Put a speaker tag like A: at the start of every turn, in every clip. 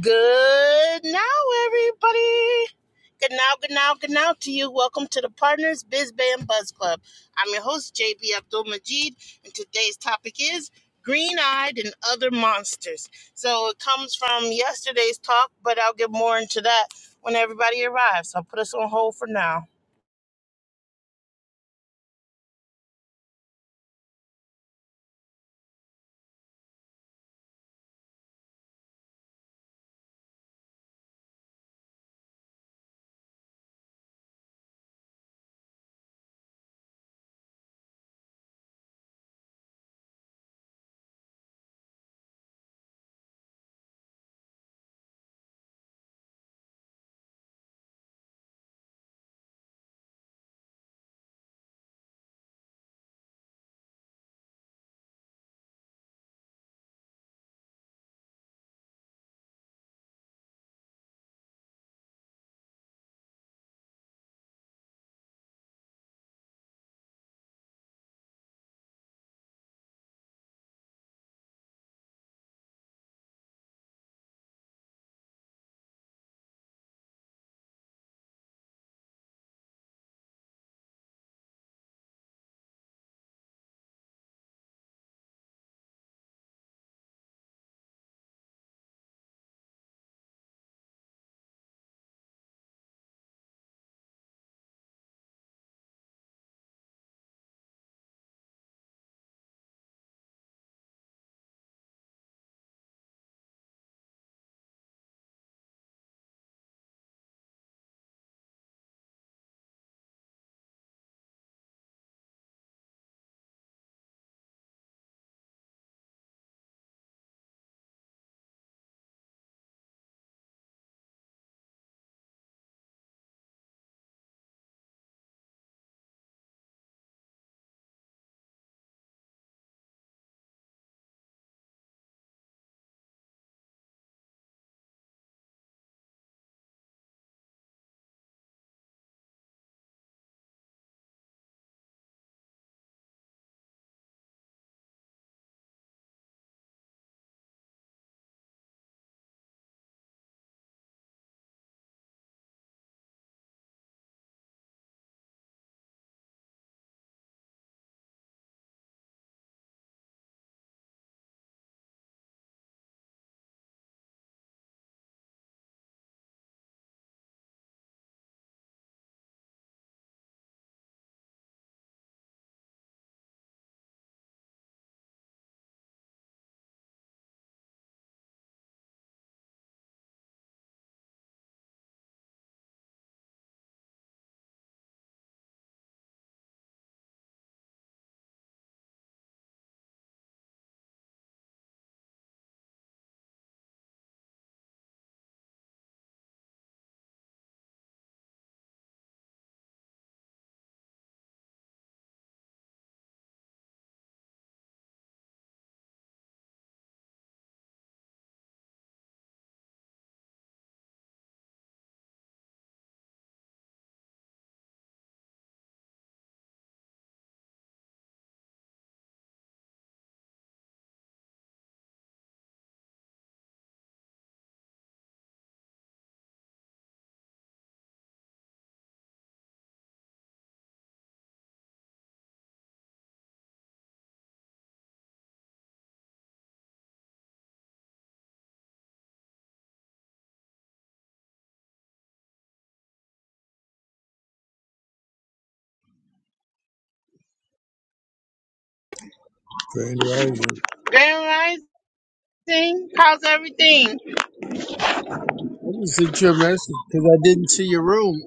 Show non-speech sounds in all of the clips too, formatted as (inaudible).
A: Good now, everybody. Good now, good now, good now to you. Welcome to the Partners Biz Band Buzz Club. I'm your host, JB Abdul Majid, and today's topic is green eyed and other monsters. So it comes from yesterday's talk, but I'll get more into that when everybody arrives. So, I'll put us on hold for now.
B: Grand Rising.
A: Grand Rising, how's everything?
B: I just sent you a message because I didn't see your room,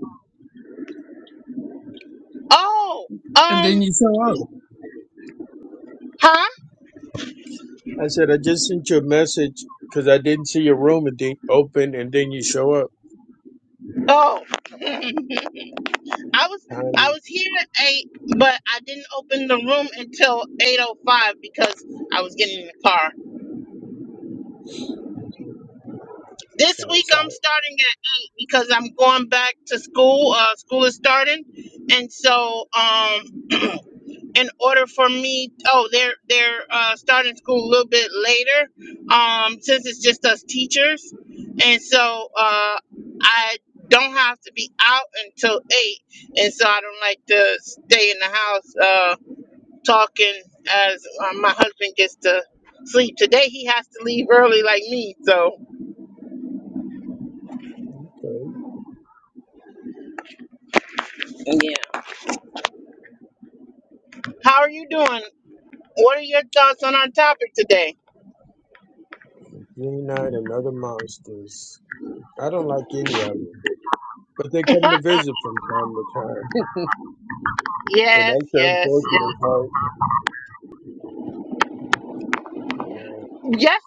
A: Oh,
B: and then
A: um,
B: you show up.
A: huh?
B: I said I just sent you a message because I didn't see your room, and then you open, and then you show up.
A: Oh. I was I
B: Timing.
A: was here at eight, but I didn't open the room until eight oh five because I was getting in the car. This
B: So
A: week
B: it's
A: I'm
B: all
A: starting at eight because I'm going back to school. Uh, school is starting, and so um, (clears throat) in order for me, oh, they're they're uh, starting school a little bit later, um, since it's just us teachers, and so uh, I don't have to be out until eight, and so I don't like to stay in the house. Uh, talking as um, my husband gets to sleep today. He has to leave early, like me. So,
B: okay.
A: how are you doing? What are your thoughts on our topic today?
B: Green Knight and other monsters. I don't like any of them, but they
A: (laughs)
B: come to
A: yes,
B: visit from time to time, (laughs) and
A: yes,
B: that's the
A: yes.
B: unfortunate part. You know,
A: Yes-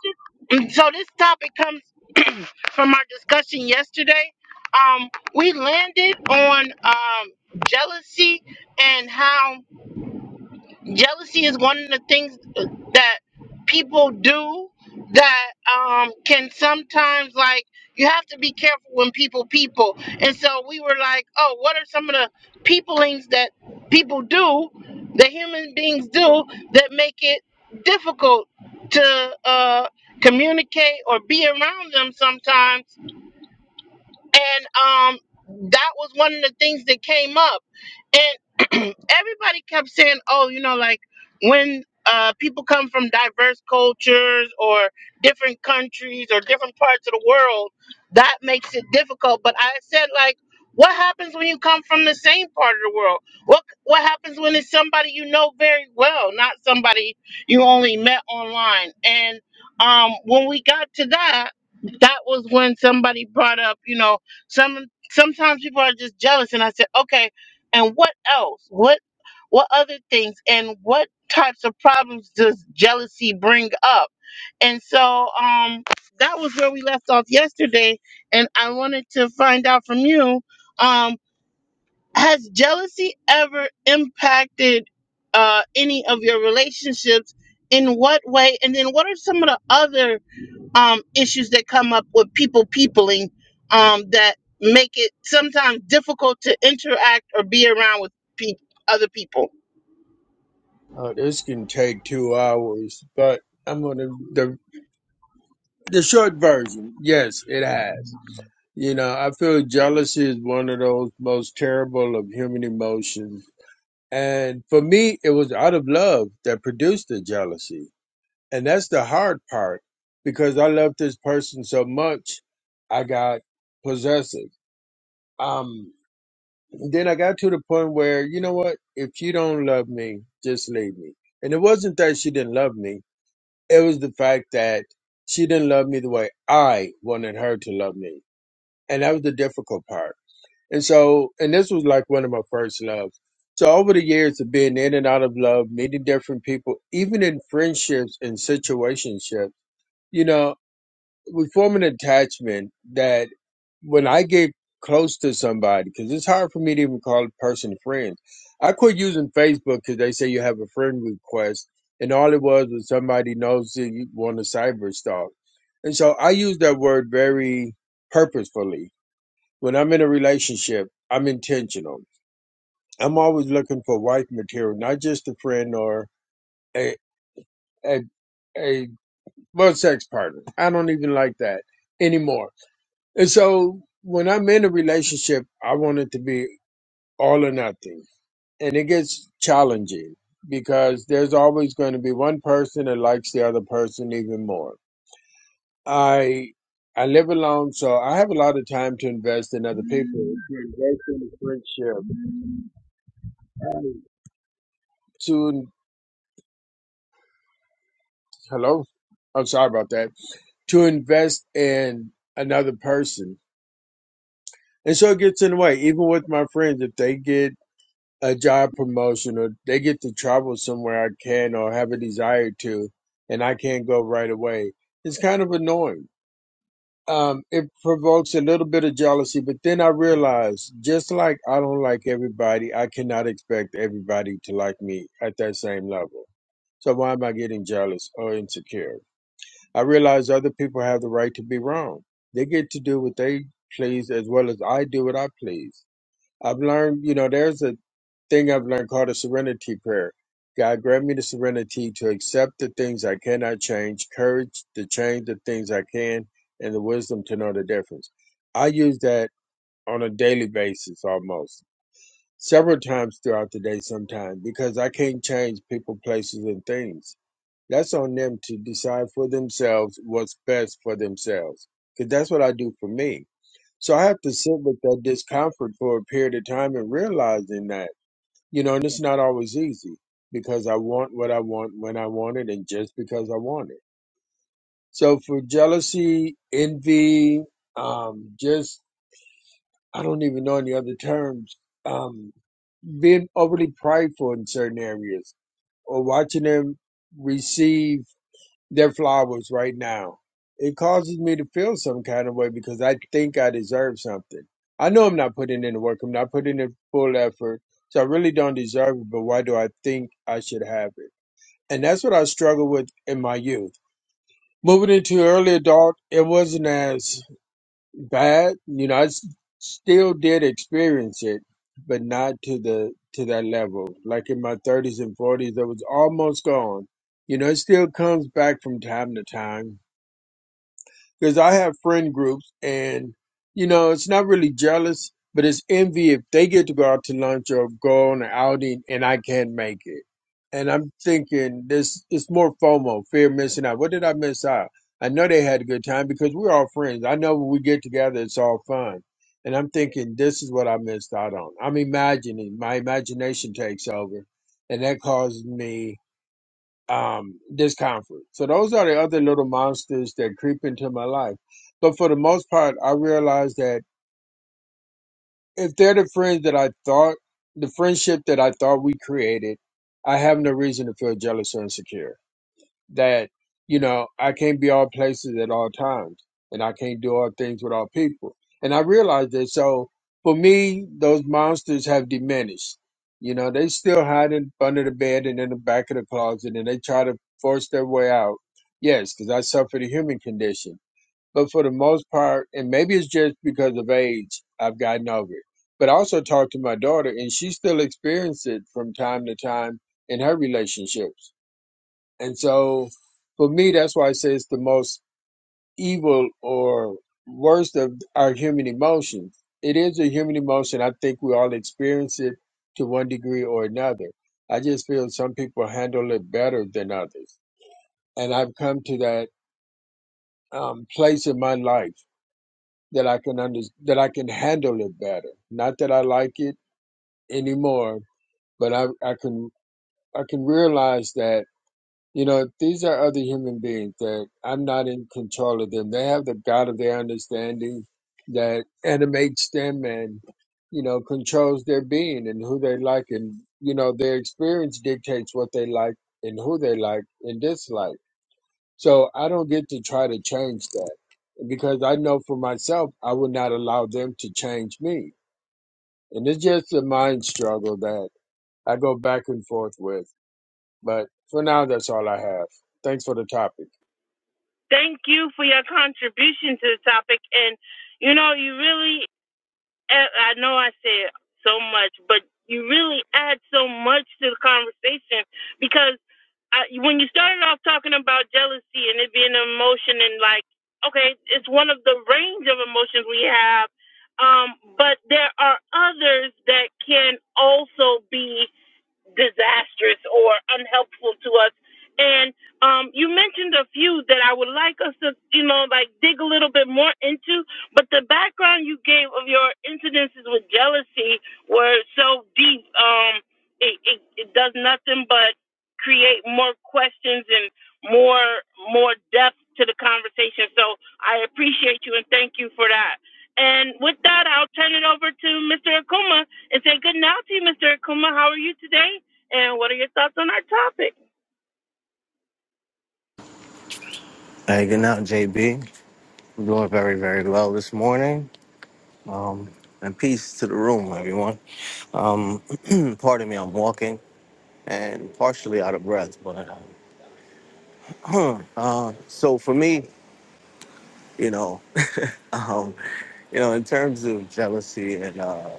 A: So this topic comes (clears throat) from our discussion yesterday. Um, we landed on um, jealousy and how. Jealousy is one of the things that people do that um, can sometimes like you have to be careful when people people. And so we were like, oh, what are some of the peoplings that people do, that human beings do that make it difficult to uh, communicate or be around them sometimes and um that was one of the things that came up and (clears throat) everybody kept saying oh you know like when uh people come from diverse cultures or different countries or different parts of the world that makes it difficult but i said like what happens when you come from the same part of the world what what happens when it's somebody you know very well not somebody you only met online and um when we got to that that was when somebody brought up you know some sometimes people are just jealous, and I said, okay, and what else? What what other things? And what types of problems does jealousy bring up? And so um, that was where we left off yesterday, and I wanted to find out from you, um, has jealousy ever impacted uh, any of your relationships? In what way? And then what are some of the other um, issues that come up with people peopling um, that make it sometimes difficult to interact or be around with pe- other people.
B: oh, this can take two hours, but I'm gonna the the short version. Yes, it has. You know, I feel jealousy is one of those most terrible of human emotions. And for me, it was out of love that produced the jealousy. And that's the hard part because I loved this person so much, I got possessive. Um, then I got to the point where, you know what? If you don't love me, just leave me. And it wasn't that she didn't love me, it was the fact that she didn't love me the way I wanted her to love me. And that was the difficult part And so, and this was like one of my first loves. So over the years of being in and out of love, meeting different people, even in friendships and situationships, you know, we form an attachment that when I get close to somebody, because it's hard for me to even call a person friend. I quit using Facebook because they say you have a friend request, and all it was was somebody knows that you want to cyber stalk. And so I use that word very purposefully when I'm in a relationship, I'm intentional. I'm always looking for wife material, not just a friend or a a a well sex partner. I don't even like that anymore. And so when I'm in a relationship, I want it to be all or nothing. And it gets challenging because there's always going to be one person that likes the other person even more. I I live alone, so I have a lot of time to invest in other people, to invest in friendship, to hello, I'm sorry about that, to invest in another person. And so it gets in the way. Even with my friends, if they get a job promotion or they get to travel somewhere I can or have a desire to, and I can't go right away, it's kind of annoying. Um, it provokes a little bit of jealousy, but then I realize just like I don't like everybody, I cannot expect everybody to like me at that same level. So why am I getting jealous or insecure? I realize other people have the right to be wrong. They get to do what they please as well as I do what I please. I've learned, you know, there's a thing I've learned called a serenity prayer. God grant me the serenity to accept the things I cannot change, courage to change the things I can, and the wisdom to know the difference. I use that on a daily basis almost, several times throughout the day sometimes, because I can't change people, places, and things that's on them to decide for themselves what's best for themselves. Because that's what I do for me. So I have to sit with that discomfort for a period of time and realizing that, you know, and it's not always easy because I want what I want when I want it and just because I want it. So for jealousy, envy, um, just, I don't even know any other terms, um, being overly prideful in certain areas or watching them receive their flowers right now. It causes me to feel some kind of way because I think I deserve something. I know I'm not putting in the work, I'm not putting in full effort, so I really don't deserve it, but why do I think I should have it? And that's what I struggled with in my youth. Moving into early adult, it wasn't as bad. You know, I s- still did experience it, but not to the to that level. Like in my 30s and 40s, it was almost gone. You know, it still comes back from time to time because I have friend groups, and you know, it's not really jealous, but it's envy if they get to go out to lunch or go on an outing and I can't make it. And I'm thinking this it's more FOMO, fear of missing out. What did I miss out? I know they had a good time because we're all friends. I know when we get together, it's all fun. And I'm thinking this is what I missed out on. I'm imagining. My imagination takes over, and that causes me um, discomfort. So those are the other little monsters that creep into my life. But for the most part, I realize that if they're the friends that I thought, the friendship that I thought we created, I have no reason to feel jealous or insecure that you know I can't be all places at all times, and I can't do all things with all people. And I realized that. So for me, those monsters have diminished. You know, they still hide in, under the bed and in the back of the closet, and they try to force their way out. Yes, because I suffer the human condition. But for the most part, and maybe it's just because of age, I've gotten over it. But I also talked to my daughter, and she still experiences it from time to time in her relationships and so for me, that's why I say it's the most evil or worst of our human emotions. It is a human emotion. I think we all experience it to one degree or another. I just feel some people handle it better than others. And I've come to that um, place in my life that I can under, that I can handle it better. Not that I like it anymore, but I, I can I can realize that You know, these are other human beings that I'm not in control of them. They have the God of their understanding that animates them and, you know, controls their being and who they like. And, you know, their experience dictates what they like and who they like and dislike. So I don't get to try to change that because I know for myself, I would not allow them to change me. And it's just a mind struggle that I go back and forth with. But for now, that's all I have. Thanks for the topic.
A: They- And you know, I know I said so much, but you really add so much to the conversation because I, when you started off talking about jealousy and it being an emotion and like, okay, it's one of the range of emotions we have, um, but there are others that can also be. disastrous or unhelpful to us. And um, you mentioned a few that I would like us to, you know, like dig a little bit more into. But the background you gave of your incidences with jealousy were so deep. Um, it, it, it does nothing but create more questions and more more depth to the conversation. So I appreciate you and thank you for that. And with that, I'll turn it over to Mr. Akuma and say good night to you, Mr. Akuma. How are you today? And what are your thoughts on our topic?
C: Hey, good night, JB. am doing very, very well this morning. Um, and peace to the room, everyone. Um, (clears throat) pardon me, I'm walking and partially out of breath, but um, (clears throat) uh, so for me, you know, (laughs) um, you know, in terms of jealousy and uh,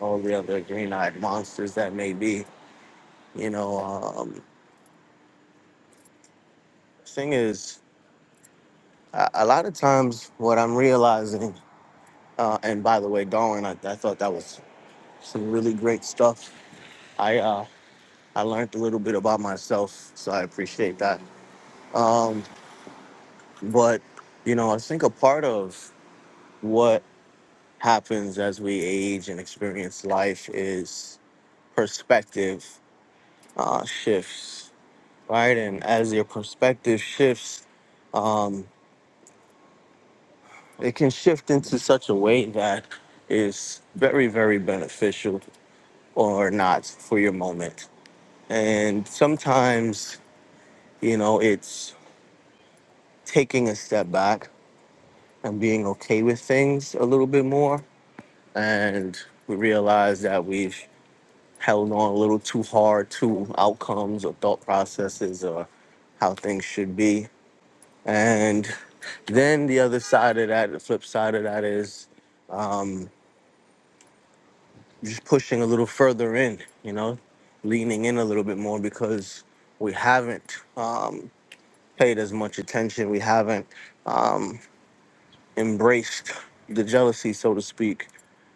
C: all the other green-eyed monsters that may be, you know, um, thing is, a, a lot of times what I'm realizing, uh, and by the way, Darwin, I, I thought that was some really great stuff I uh, I learned a little bit about myself, so I appreciate that. Um, but you know, I think a part of what happens as we age and experience life is perspective uh, shifts, right? And as your perspective shifts, um, it can shift into such a way that is very, very beneficial or not for your moment. And sometimes, you know, it's taking a step back and being okay with things a little bit more. And we realize that we've held on a little too hard to outcomes or thought processes or how things should be. And then the other side of that, the flip side of that is um, just pushing a little further in, you know, leaning in a little bit more because we haven't um, paid as much attention. We haven't um, embraced the jealousy, so to speak,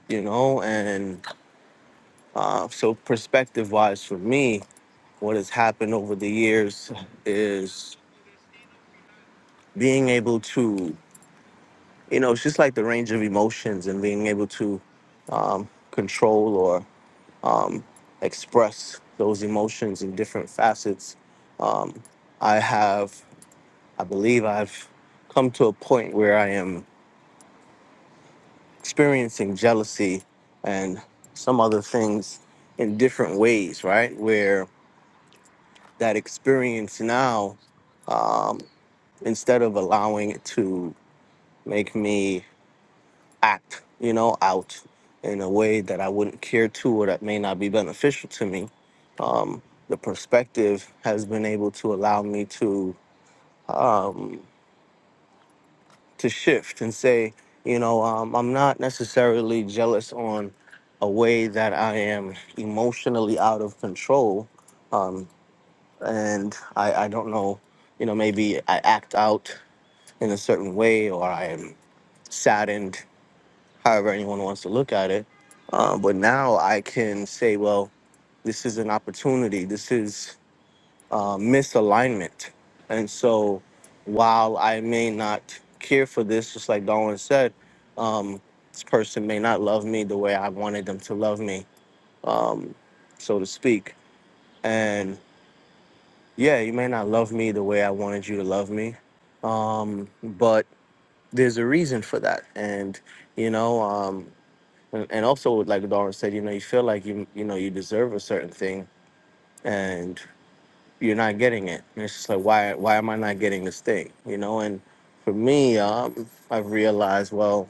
C: you know, and Uh, so perspective wise for me, what has happened over the years is being able to, you know, it's just like the range of emotions and being able to um, control or um, express those emotions in different facets. Um, I have, I believe I've come to a point where I am experiencing jealousy and some other things in different ways, right? Where that experience now. um, instead of allowing it to make me act, you know, out in a way that I wouldn't care to or that may not be beneficial to me. Um, the perspective has been able to allow me to um, to shift and say, you know, um, I'm not necessarily jealous on a way that I am emotionally out of control, um, and I, I don't know, you know, maybe I act out in a certain way or I am saddened however anyone wants to look at it. Um, but now I can say, well, this is an opportunity. This is uh, misalignment. And so while I may not care for this, just like Darwin said, um, this person may not love me the way I wanted them to love me, um, so to speak. And yeah, you may not love me the way I wanted you to love me. Um, but there's a reason for that. And, you know, um, and, and also like Darwin said, you know, you feel like you you know you deserve a certain thing, and you're not getting it. And it's just like why why am I not getting this thing? You know, and for me, um, I've realized well,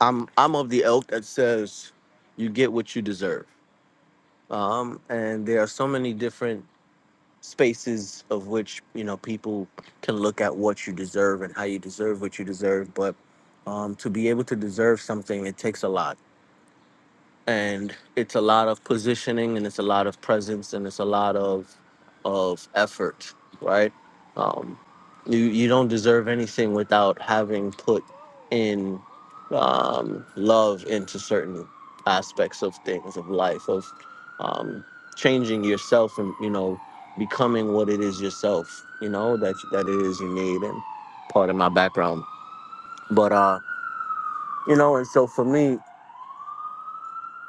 C: I'm I'm of the ilk that says you get what you deserve. Um, and there are so many different spaces of which you know people can look at what you deserve and how you deserve what you deserve, but um, to be able to deserve something, it takes a lot and it's a lot of positioning and it's a lot of presence and it's a lot of of effort right um you you don't deserve anything without having put in um love into certain aspects of things of life of um changing yourself and you know becoming what it is yourself you know that that it is you need and part of my background but uh you know and so for me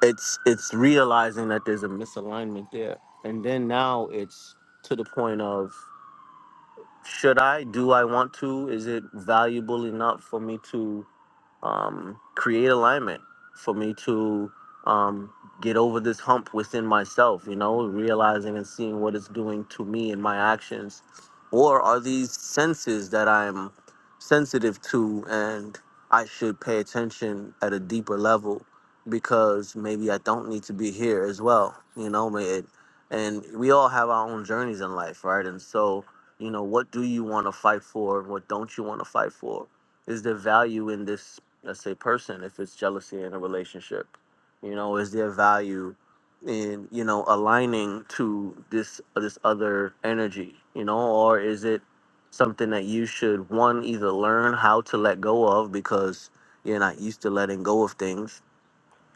C: it's it's realizing that there's a misalignment there and then now it's to the point of should i do i want to is it valuable enough for me to um, create alignment for me to um, get over this hump within myself, you know, realizing and seeing what it's doing to me and my actions. Or are these senses that I'm sensitive to and I should pay attention at a deeper level because maybe I don't need to be here as well, you know? may- It, and we all have our own journeys in life, right? And so, you know, what do you want to fight for and what don't you want to fight for? is there value in this let's say person if it's jealousy in a relationship you know is there value in you know aligning to this this other energy you know or is it something that you should one either learn how to let go of because you're not used to letting go of things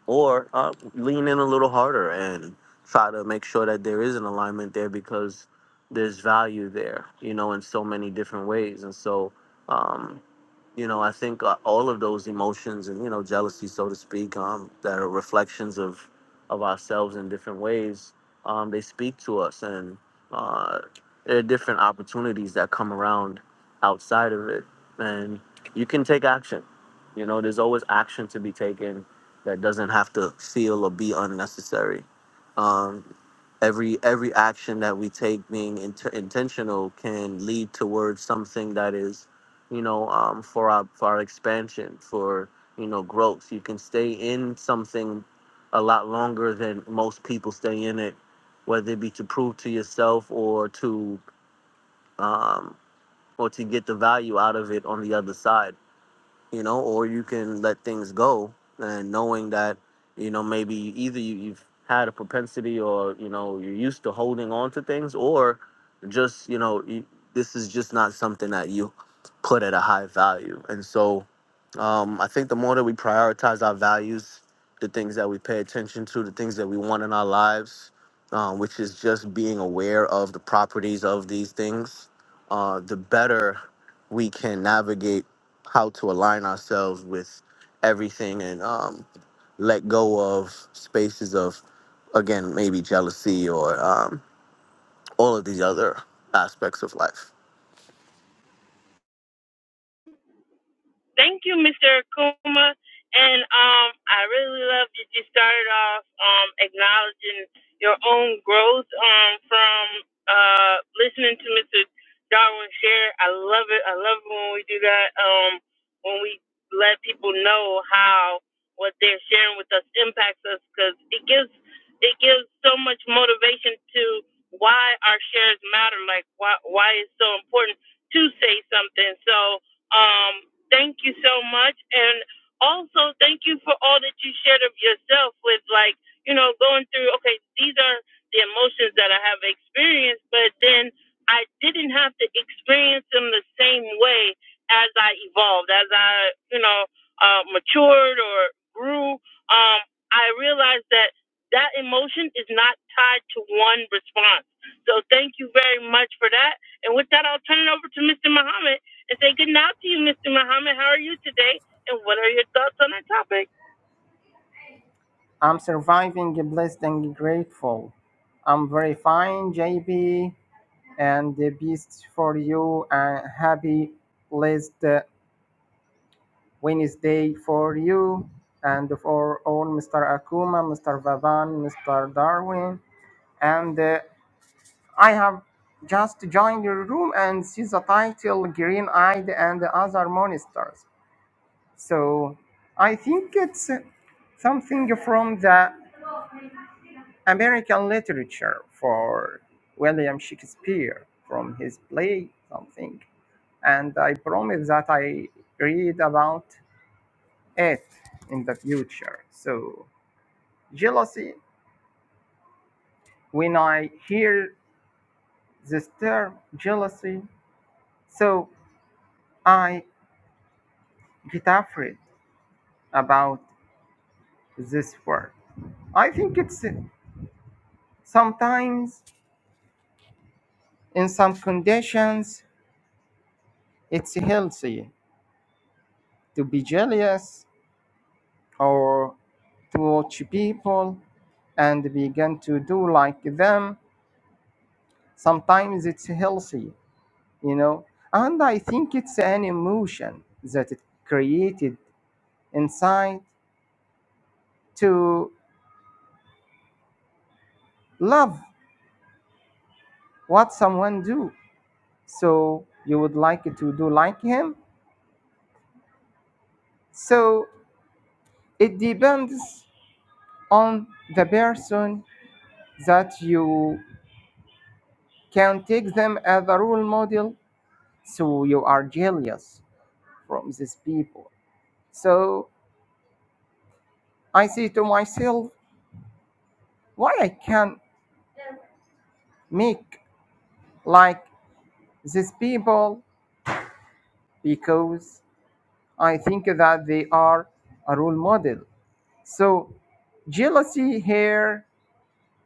C: or uh, lean in a little harder and try to make sure that there is an alignment there because there's value there you know in so many different ways and so um, you know, I think uh, all of those emotions and you know jealousy, so to speak, um, that are reflections of of ourselves in different ways. Um, they speak to us, and uh, there are different opportunities that come around outside of it, and you can take action. You know, there's always action to be taken that doesn't have to feel or be unnecessary. Um, every every action that we take being inter- intentional can lead towards something that is you know um, for our for our expansion for you know growth you can stay in something a lot longer than most people stay in it whether it be to prove to yourself or to um, or to get the value out of it on the other side you know, or you can let things go and knowing that, you know, maybe either you, you've had a propensity or, you know, you're used to holding on to things or just, you know, you, this is just not something that you put at a high value. And so, um, I think the more that we prioritize our values, the things that we pay attention to, the things that we want in our lives, um, which is just being aware of the properties of these things, uh, the better we can navigate how to align ourselves with everything and um, let go of spaces of, again, maybe jealousy or um, all of these other aspects of life.
A: Thank you, Mr. Kuma. And um, I really love that you started off um, acknowledging your own growth um, from uh, listening to Mr. Darwin share. I love it. I love it when we do that, um, when we let people know how what they're sharing with us impacts us because it gives it gives so much motivation to why our shares matter like why why it's so important to say something so um, Thank you so much. And also, thank you for all that you shared of yourself with, like, you know, going through, okay, these are the emotions that I have experienced, but then I didn't have to experience them the same way as I evolved, as I, you know, uh, matured or grew. Um, I realized that that emotion is not tied to one response. So thank you very much for that. And with that, I'll turn it over to Mr. Muhammad and say good night to you, Mr. Muhammad. How are you today? And what are your thoughts on our topic?
D: I'm surviving, blessed and grateful. I'm very fine, JB, and the best for you, and happy blessed uh, Wednesday for you, and for all Mr. Akuma, Mr. Vavan, Mr. Darwin. And uh, I have just joined your room and see the title Green Eyed and Other Monsters. So I think it's something from the American literature for William Shakespeare from his play something, and I promise that I read about it in the future. So jealousy, when I hear this term jealousy, so I get afraid about this word. I think it's sometimes in some conditions it's healthy to be jealous or watch people and begin to do like them. Sometimes it's healthy, you know. And I think it's an emotion that it created inside to love what someone do. So you would like to do like him. So it depends on the person that you can take them as a role model. So you are jealous from these people. So I say to myself, why I can't make like these people because I think that they are a role model. So jealousy here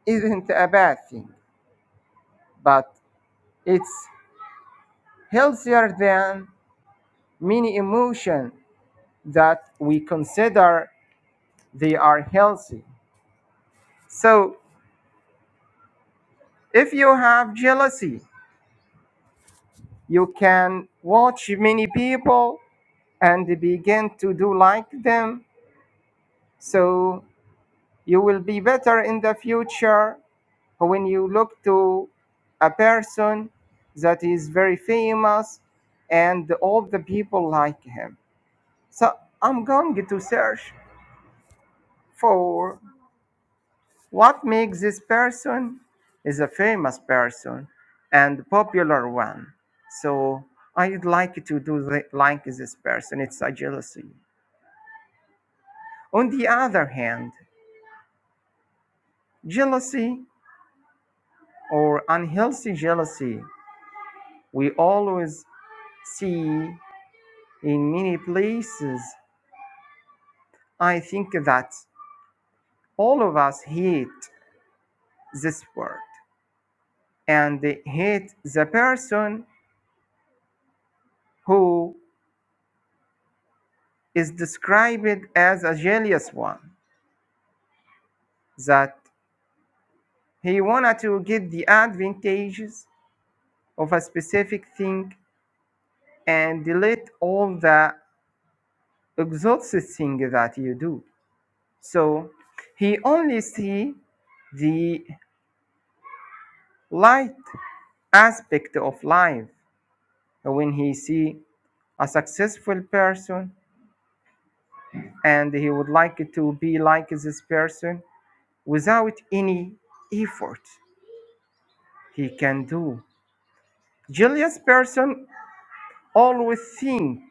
D: isn't a bad thing, but it's healthier than many emotions that we consider they are healthy. So if you have jealousy, you can watch many people and begin to do like them. So you will be better in the future when you look to a person that is very famous and all the people like him. So I'm going to search for what makes this person is a famous person and popular one. So I'd like to do the, like this person. It's a jealousy. On the other hand, jealousy or unhealthy jealousy we always see in many places. I think that all of us hate this word and hate the person who is described as a jealous one, that he wanted to get the advantages of a specific thing and delete all the exhausted thing that you do. So he only see the light aspect of life when he see a successful person and he would like to be like this person without any effort he can do julius person always think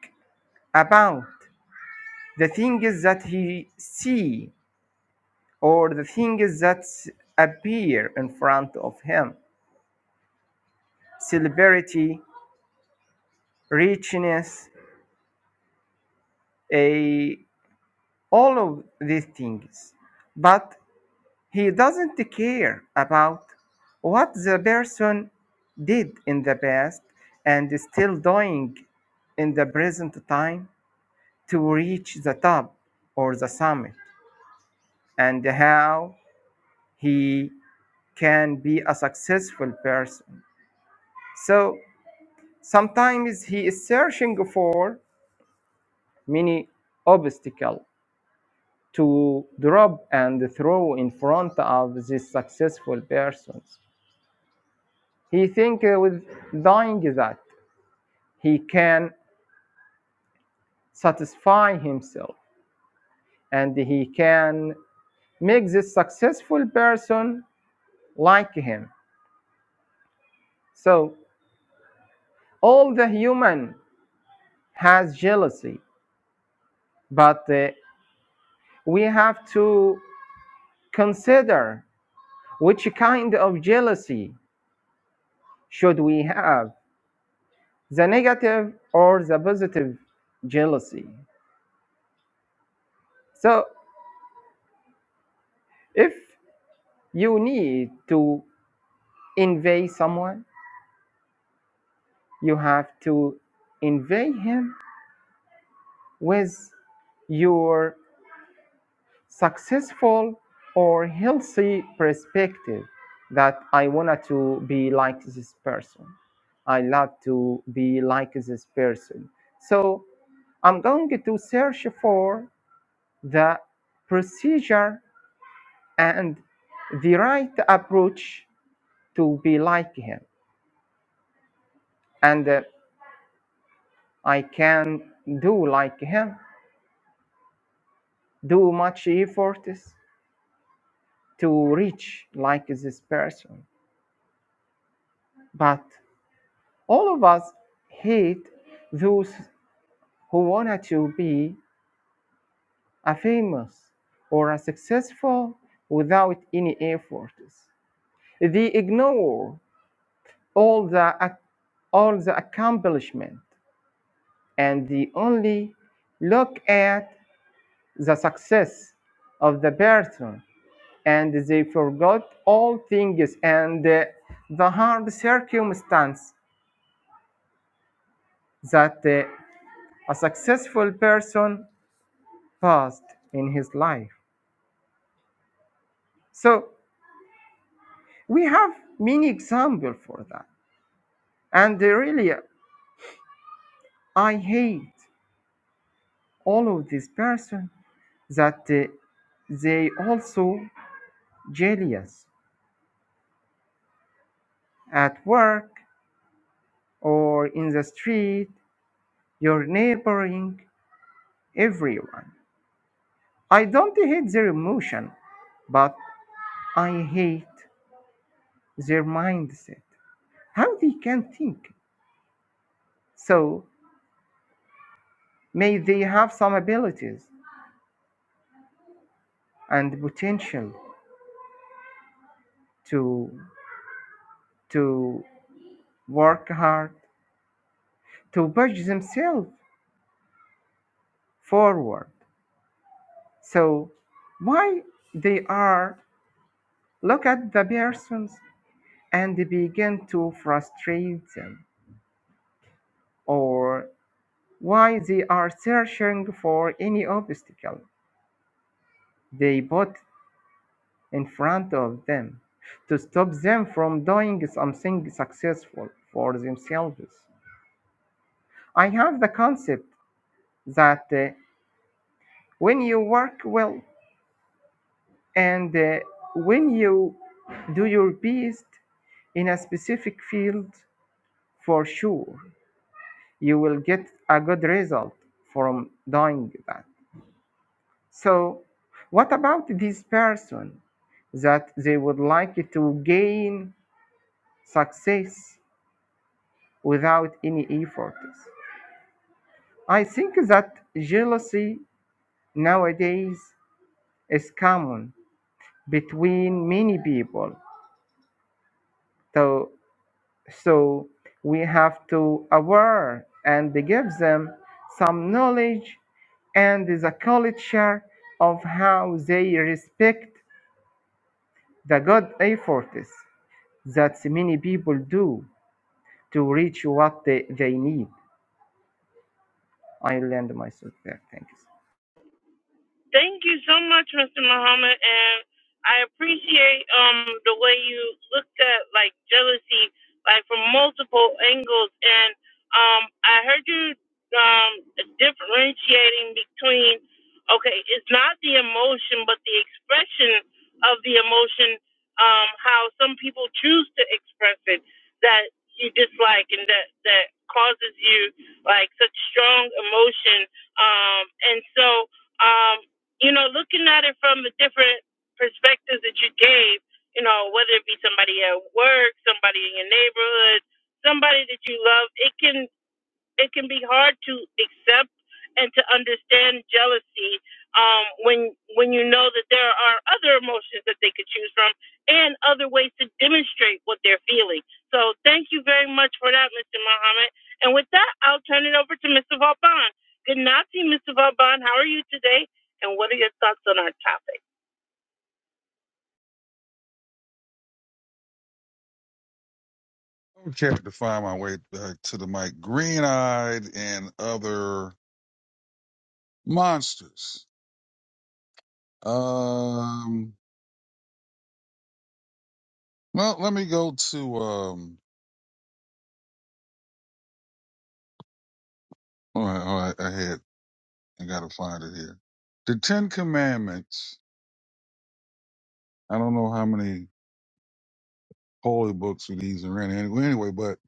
D: about the things that he see or the things that appear in front of him celebrity richness a all of these things but He doesn't care about what the person did in the past and is still doing in the present time to reach the top or the summit and how he can be a successful person. So sometimes he is searching for many obstacles to drop and throw in front of these successful persons. He think uh, with dying that. he can satisfy himself and he can make this successful person like him. So all the human has jealousy, but uh, we have to consider which kind of jealousy should we have, the negative or the positive jealousy. So if you need to invade someone, you have to invade him with your successful or healthy perspective that I wanted to be like this person. I love to be like this person. So I'm going to search for the procedure and the right approach to be like him. And uh, I can do like him, do much efforts to reach like this person. But all of us hate those who wanted to be a famous or a successful without any efforts. They ignore all the all the accomplishment and they only look at the success of the person and they forgot all things and uh, the hard circumstance that uh, a successful person fast in his life. So we have many examples for that. And uh, really, I hate all of these person that uh, they also jealous at work or in the street, your neighboring, everyone. I don't hate their emotion, but I hate their mindset. How they can think. So may they have some abilities and the potential to to work hard to push themselves forward so why they are look at the persons and begin to frustrate them or why they are searching for any obstacle they put in front of them to stop them from doing something successful for themselves. I have the concept that uh, When you work well and uh, when you do your best in a specific field, for sure you will get a good result from doing that. So, what about this person that they would like to gain success without any efforts? I think that jealousy nowadays is common between many people. So So we have to aware and give them some knowledge and the culture of how they respect the God efforts that many people do to reach what they, they need. I land myself there. Thanks.
A: Thank you so much, Mr. Muhammad, and I appreciate um the way you looked at like jealousy, like from multiple angles, and um I heard you um differentiating between okay, it's not the emotion, but the expression of the emotion, um how some people choose to express it that you dislike and that that causes you like such strong emotion, um and so. um you know, looking at it from the different perspectives that you gave, you know, whether it be somebody at work, somebody in your neighborhood, somebody that you love, it can it can be hard to accept and to understand jealousy um, when when you know that there are other emotions that they could choose from and other ways to demonstrate what they're feeling. So thank you very much for that, Mr. Muhammad. And with that, I'll turn it over to Mr. Vauban. Good night to you, Mr. Vauban. How are you today? And what are your thoughts on our topic?
E: I can't define my way back to the mic. Green eyed and other monsters. Um, well, let me go to um. All right, all right. I had I gotta find it here. The Ten Commandments. I don't know how many holy books of these are in anyway. Anyway, but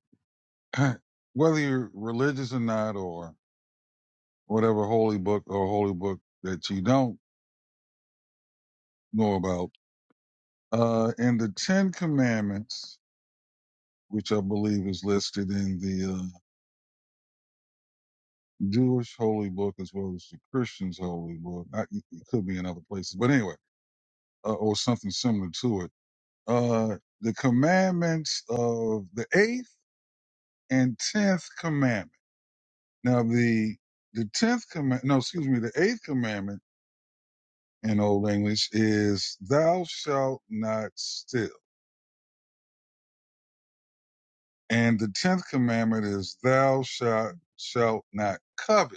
E: (clears throat) whether you're religious or not, or whatever holy book or holy book that you don't know about, uh, in the Ten Commandments, which I believe is listed in the uh, Jewish holy book as well as the Christian's holy book. I, it could be in other places, but anyway, uh, or something similar to it. Uh, the commandments of the eighth and tenth commandment. Now, the the tenth command, no, excuse me, the eighth commandment in Old English is "Thou shalt not steal," and the tenth commandment is "Thou shalt shalt not covet."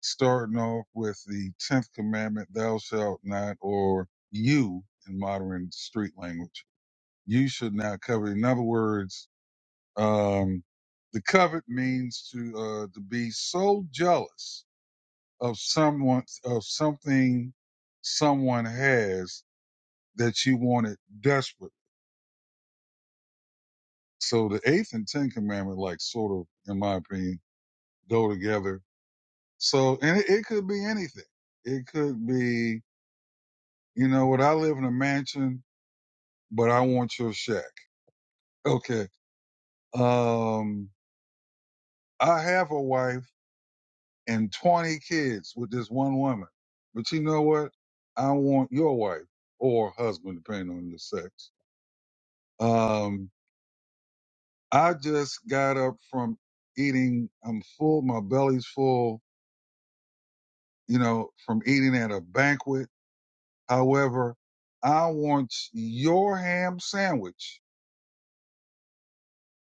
E: starting off with the 10th commandment, thou shalt not, or you in modern street language, you should not covet. In other words, um, the covet means to, uh, to be so jealous of someone, of something someone has that you want it desperately. So the eighth and 10th commandment, like sort of, in my opinion, go together. So, and it, it could be anything. It could be You know what? I live in a mansion, but I want your shack. Okay. Um, I have a wife and 20 kids with this one woman. But you know what? I want your wife or husband, depending on your sex. Um, I just got up from eating. I'm full. My belly's full, you know, from eating at a banquet. However, I want your ham sandwich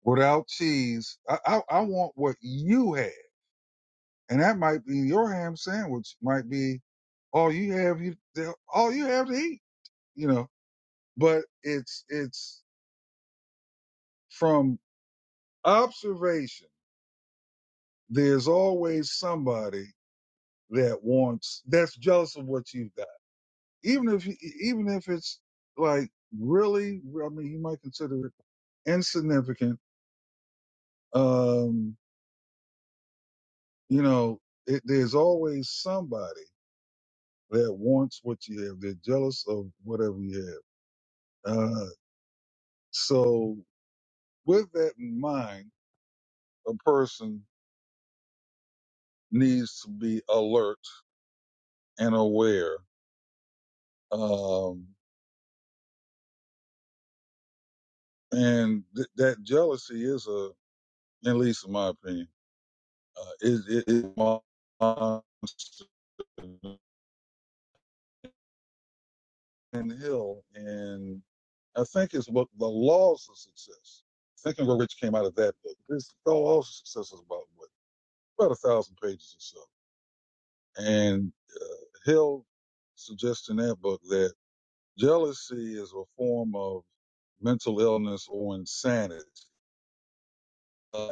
E: without cheese. I, I, I want what you had And that might be your ham sandwich might be all you have you all you have to eat, you know. But it's it's from observation. There's always somebody that wants that's jealous of what you've got, even if you- e, even if it's like really. I mean, you might consider it insignificant. Um, you know, it, there's always somebody that wants what you have. They're jealous of whatever you have. Uh, so With that in mind, a person needs to be alert and aware. Um, and th- that jealousy is a, at least in my opinion, uh, is it, it, it monster and hill and I think it's what the laws of success. Think and Grow Rich came out of that book. This the laws of success is about what about a thousand pages or so. And Hill suggests in that book that. Jealousy is a form of mental illness or insanity. Uh,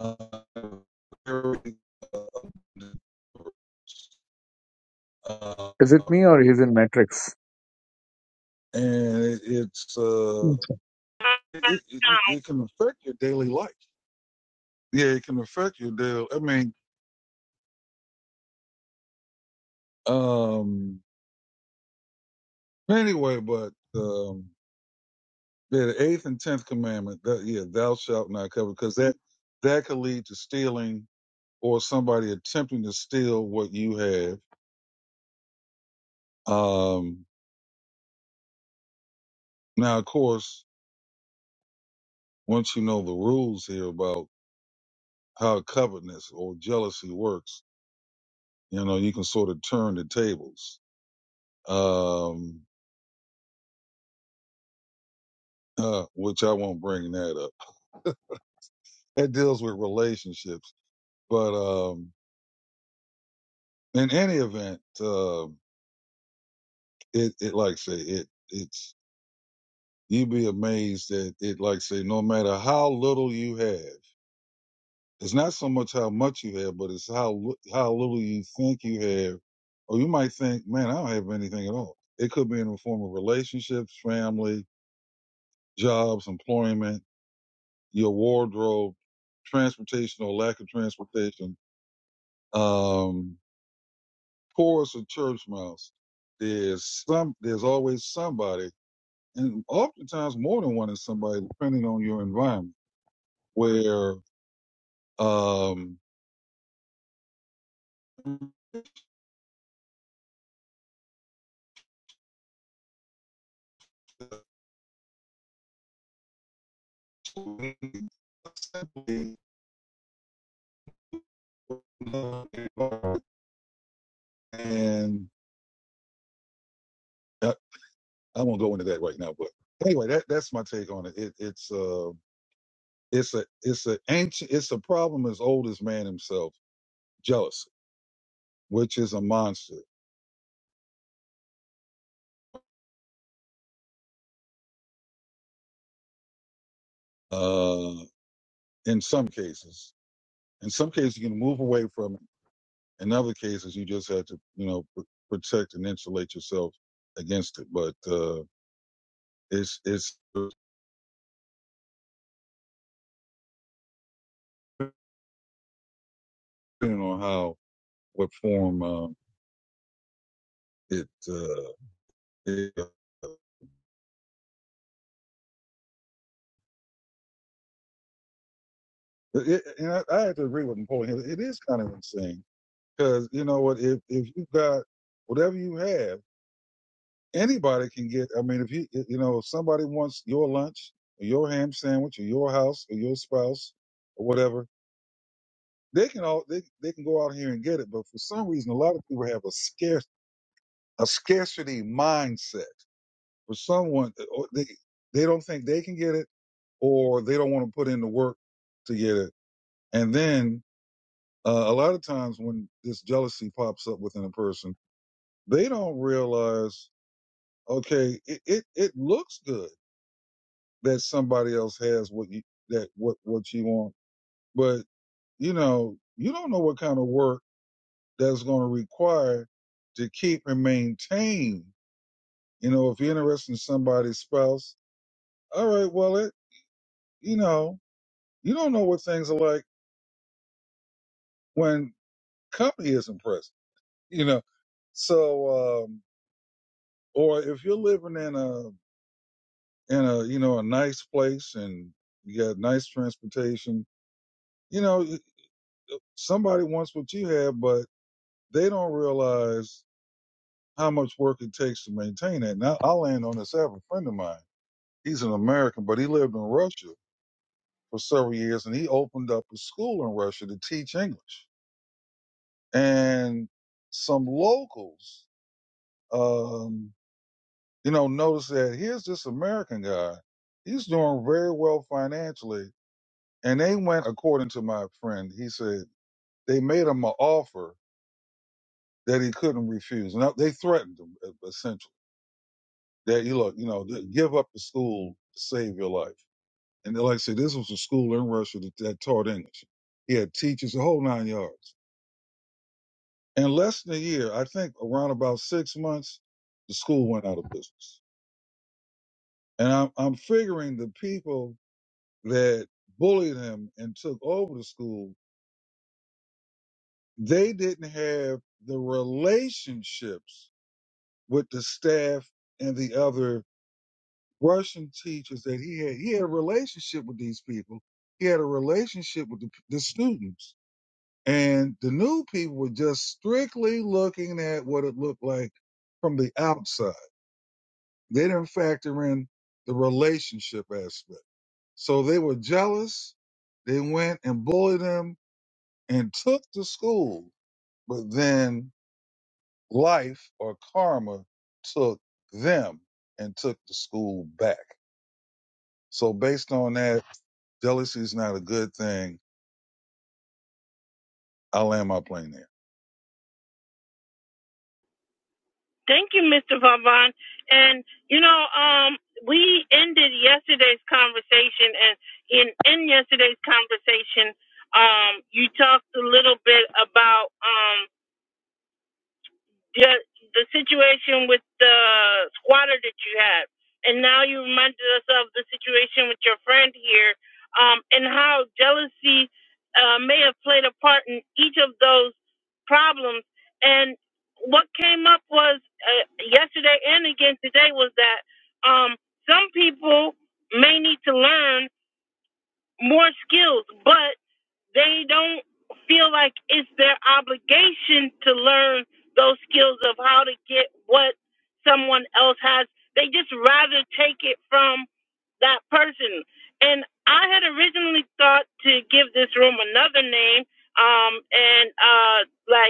E: uh,
F: Is it me or he's in Matrix?
E: and it, it's uh, it, it, it can affect your daily life. Yeah, it can affect your daily. I mean, um, anyway, but um, Yeah, the eighth and tenth commandment. That, yeah, thou shalt not covet, because that that could lead to stealing or somebody attempting to steal what you have. Um, now, of course, once you know the rules here about how covetousness or jealousy works, you know you can sort of turn the tables. Um, uh, which I won't bring that up. (laughs) That deals with relationships, but um, in any event, um it, it like I say it it's you'd be amazed that it like say no matter how little you have it's not so much how much you have but it's how li- how little you think you have or you might think man i don't have anything at all it could be in the form of relationships family jobs employment your wardrobe transportation or lack of transportation um chorus or church mouse there's some there's always somebody and oftentimes more than one is somebody depending on your environment where Um, and I, I won't go into that right now, but anyway, that that's my take on it. it it's uh, it's a it's a ancient it's a problem as old as man himself, jealousy, which is a monster. Uh, in some cases, in some cases you can move away from it. In other cases, you just have to you know pr- protect and insulate yourself against it. But uh, it's it's depending on how what form um, it, uh, it, uh, it. And I, I have to agree with Napoleon. Hill. It is kind of insane because you know what? If if you got whatever you have, anybody can get. I mean, if you you know if somebody wants your lunch, or your ham sandwich, or your house, or your spouse, or whatever, they can all they they can go out here and get it. But for some reason, a lot of people have a scarce a scarcity mindset. For someone, they they don't think they can get it, or they don't want to put in the work to get it And then uh, a lot of times when this jealousy pops up within a person, they don't realize, okay, it, it, it looks good that somebody else has what you, that what, what you want, but you know, you don't know what kind of work that's going to require to keep and maintain. You know, if you're interested in somebody's spouse, all right, well, it, you know, you don't know what things are like when company isn't present, you know? So, um, Or if you're living in a in a you know a nice place and you got nice transportation, you know somebody wants what you have, but they don't realize how much work it takes to maintain that. Now I'll land on this. I have a friend of mine. He's an American, but he lived in Russia for several years, and he opened up a school in Russia to teach English. And some locals, um, you know, noticed that here's this American guy. He's doing very well financially And they went according to my friend. He said they made him an offer that he couldn't refuse. Now they threatened him e- essentially that you look, you know, th- give up the school to save your life. And like I said, this was a school in Russia that, that taught English. He had teachers, the whole nine yards. In less than a year, I think around about six months, the school went out of business. And I'm, I'm figuring the people that bullied him and took over the school, they didn't have the relationships with the staff and the other Russian teachers that he had. He had a relationship with these people. He had a relationship with the, the students. And the new people were just strictly looking at what it looked like from the outside. They didn't factor in the relationship aspect. So they were jealous. They went and bullied him and took the school. But then life or karma took them and took the school back. So based on that, jealousy is not a good thing. I land my plane there.
A: Thank you, Mr. Vavon. And you know, um, we ended yesterday's conversation, and in in yesterday's conversation, um, you talked a little bit about um the the situation with the squatter that you had, and now you reminded us of the situation with your friend here, um, and how jealousy uh, may have played a part in each of those problems. And what came up was uh, yesterday and again today was that um, some people may need to learn more skills, but they don't feel like it's their obligation to learn those skills of how to get what someone else has. They just rather take it from that person. And I had originally thought to give this room another name um, and uh, like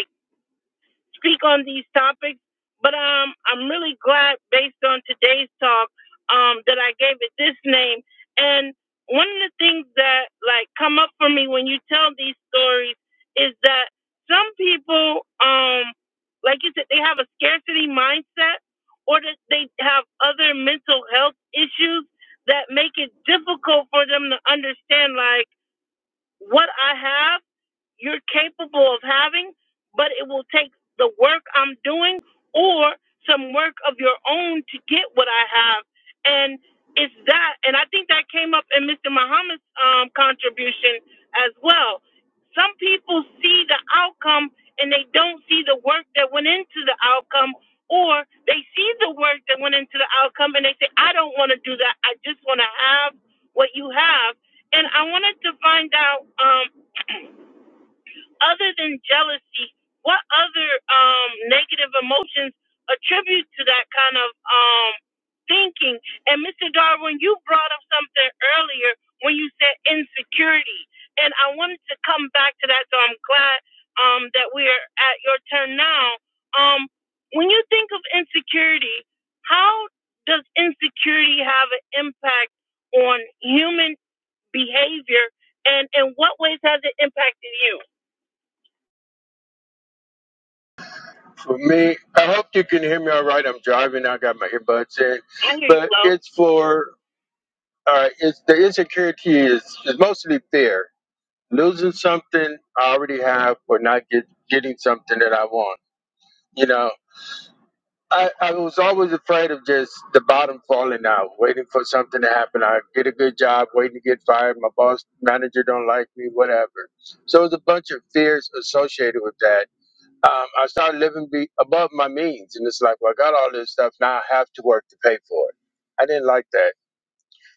A: speak on these topics, but um, I'm really glad based on today's talk um, that I gave it this name. And one of the things that like come up for me when you tell these stories is that some people, um, like you said, they have a scarcity mindset, or that they have other mental health issues that make it difficult for them to understand like what I have you're capable of having, but it will take the work I'm doing or some work of your own to get what I have. And it's that. And I think that came up in Mr. Muhammad's um, contribution as well. Some people see the outcome and they don't see the work that went into the outcome, or they see the work that went into the outcome and they say, I don't want to do that. I just want to have what you have. And I wanted to find out. um, other than jealousy, what other um, negative emotions attribute to that kind of um, thinking? And Mr. Darwin, you brought up something earlier when you said insecurity, and I wanted to come back to that. So I'm glad um, that we are at your turn now. Um, when you think of insecurity, how does insecurity have an impact on human behavior, and in what ways has it impacted you?
B: for me. I hope you can hear me all right. I'm driving. I got my earbuds in,
A: I hear you,
B: but
A: Lo.
B: it's for uh, it's the insecurity is is mostly fear. Losing something I already have, or not get getting something that I want. You know, I I was always afraid of just the bottom falling out, waiting for something to happen. I get a good job, waiting to get fired. My boss manager don't like me, whatever. So there's a bunch of fears associated with that um, I started living be- above my means, and it's like, well, I got all this stuff now. I have to work to pay for it. I didn't like that,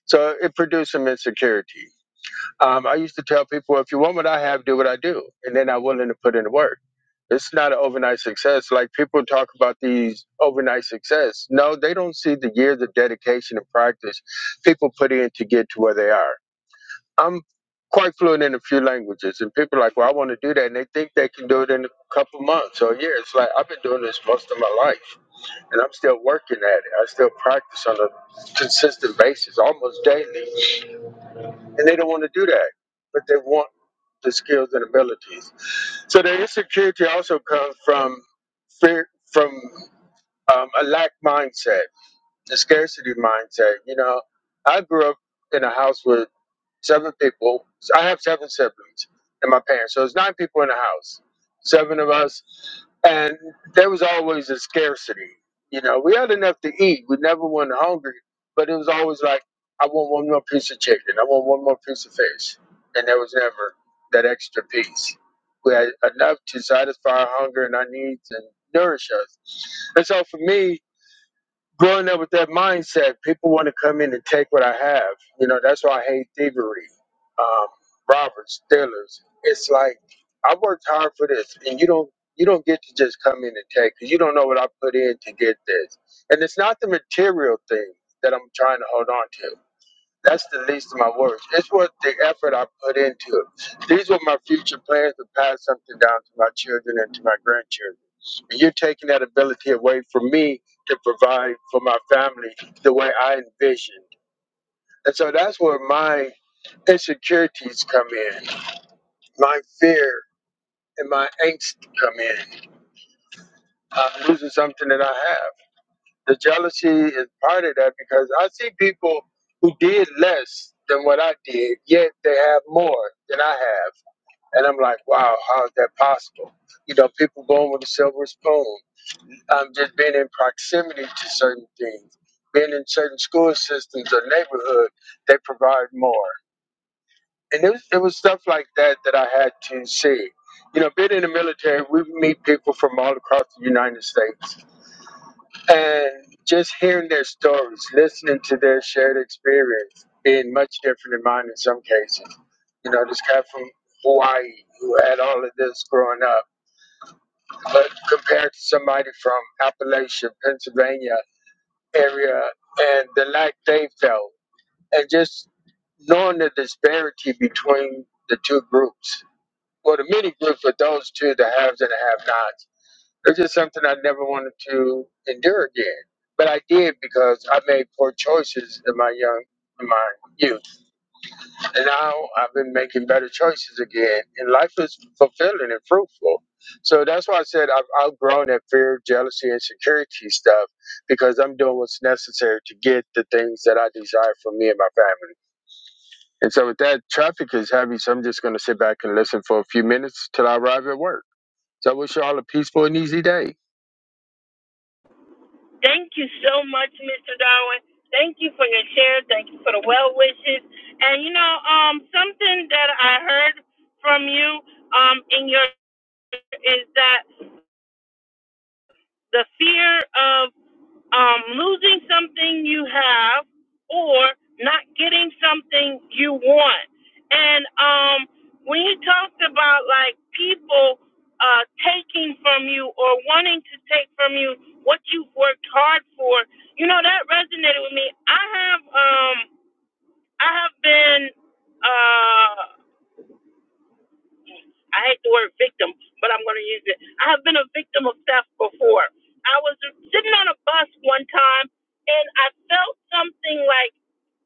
B: so it produced some insecurity. Um, I used to tell people, if you want what I have, do what I do, and then I'm willing to put in the work. It's not an overnight success. Like people talk about these overnight success. No, they don't see the years of dedication and practice people put in to get to where they are. I'm quite fluent in a few languages, and people are like, well, I want to do that, and they think they can do it in a couple months or years. Like I've been doing this most of my life, and I'm still working at it. I still practice on a consistent basis, almost daily, and they don't want to do that, but they want the skills and abilities. So the insecurity also comes from fear, from um, a lack mindset, the scarcity mindset. You know, I grew up in a house with seven people. So I have seven siblings and my parents. So it's nine people in the house, seven of us. And there was always a scarcity. You know, we had enough to eat. We never went hungry, but it was always like, I want one more piece of chicken. I want one more piece of fish. And there was never that extra piece. We had enough to satisfy our hunger and our needs and nourish us. And so for me, growing up with that mindset, people want to come in and take what I have. You know, that's why I hate thievery, um, robbers, stealers. It's like I worked hard for this, and you don't you don't get to just come in and take 'cause you don't know what I put in to get this. And it's not the material thing that I'm trying to hold on to. That's the least of my worries. It's worth the effort I put into it. These were my future plans to pass something down to my children and to my grandchildren. And you're taking that ability away from me to provide for my family the way I envisioned. And so that's where my insecurities come in, my fear and my angst come in. I'm losing something that I have. The jealousy is part of that because I see people who did less than what I did, yet they have more than I have. And I'm like, wow, how is that possible? You know, people going with a silver spoon, um, just being in proximity to certain things, being in certain school systems or neighborhood, they provide more. And it was, it was stuff like that that I had to see. You know, being in the military, we meet people from all across the United States and just hearing their stories, listening to their shared experience, being much different than mine in some cases. You know, this guy from Hawaii who had all of this growing up, but compared to somebody from Appalachia, Pennsylvania area, and the lack they felt, and just knowing the disparity between the two groups, or the many groups, of those two, the haves and the have-nots it's just something I never wanted to endure again. But I did because I made poor choices in my young in my youth. And now I've been making better choices again. And life is fulfilling and fruitful. So that's why I said I've outgrown that fear, jealousy, and security stuff because I'm doing what's necessary to get the things that I desire for me and my family. And so with that, traffic is heavy, so I'm just going to sit back and listen for a few minutes till I arrive at work. So I wish you all a peaceful and easy day.
A: Thank you so much, Mr. Darwin. Thank you for your share. Thank you for the well wishes. And you know, um, something that I heard from you, um, in your is that the fear of um, losing something you have or not getting something you want. And um, when you talked about like people uh, taking from you or wanting to take from you what you've worked hard for, you know that resonated with me. I have um, I have been. Uh, I hate the word victim, but I'm going to use it. I have been a victim of theft before. I was sitting on a bus one time, and I felt something like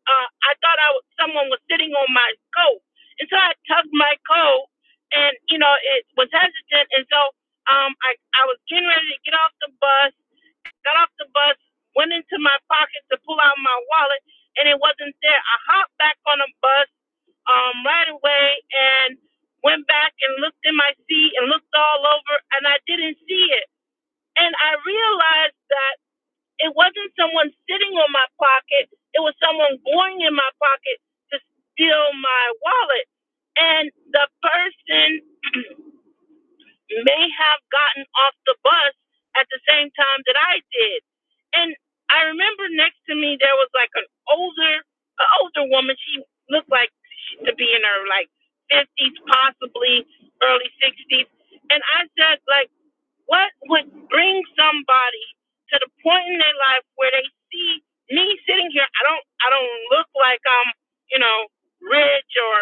A: uh, I thought I was, someone was sitting on my coat, and so I tugged my coat, and you know it was hesitant, and so um, I I was getting ready to get off the bus, got off the bus, went into my pocket to pull out my wallet, and it wasn't there. I hopped back on the bus um, right away and went back and looked in my seat and looked all over and I didn't see it. And I realized that it wasn't someone sitting on my pocket, it was someone going in my pocket to steal my wallet. And the person may have gotten off the bus at the same time that I did. And I remember next to me there was like an older, an older woman. She looked like to be in her like fifties, possibly early sixties. And I said, like, what would bring somebody to the point in their life where they see me sitting here? I don't, I don't look like I'm, you know, rich or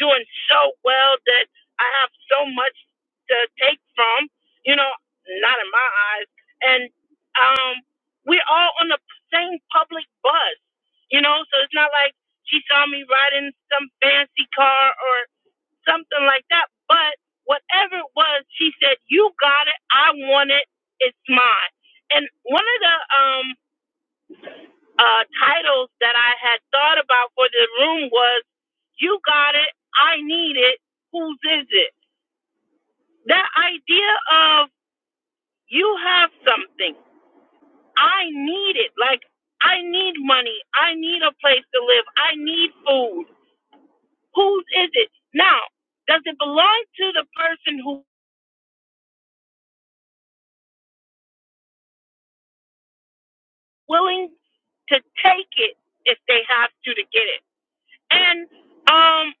A: doing so well that I have so much to take from. You know, not in my eyes. And um, we're all on the same public bus. You know, so it's not like she saw me riding some fancy car or something like that. But whatever it was, she said, You got it, I want it, it's mine. And one of the um uh titles that I had thought about for the room was You Got It, I Need It, Whose Is It? That idea of you have something, I need it, like I need money, I need a place to live, I need food. Whose is it? Now, does it belong to the person who's willing to take it if they have to to get it? And um,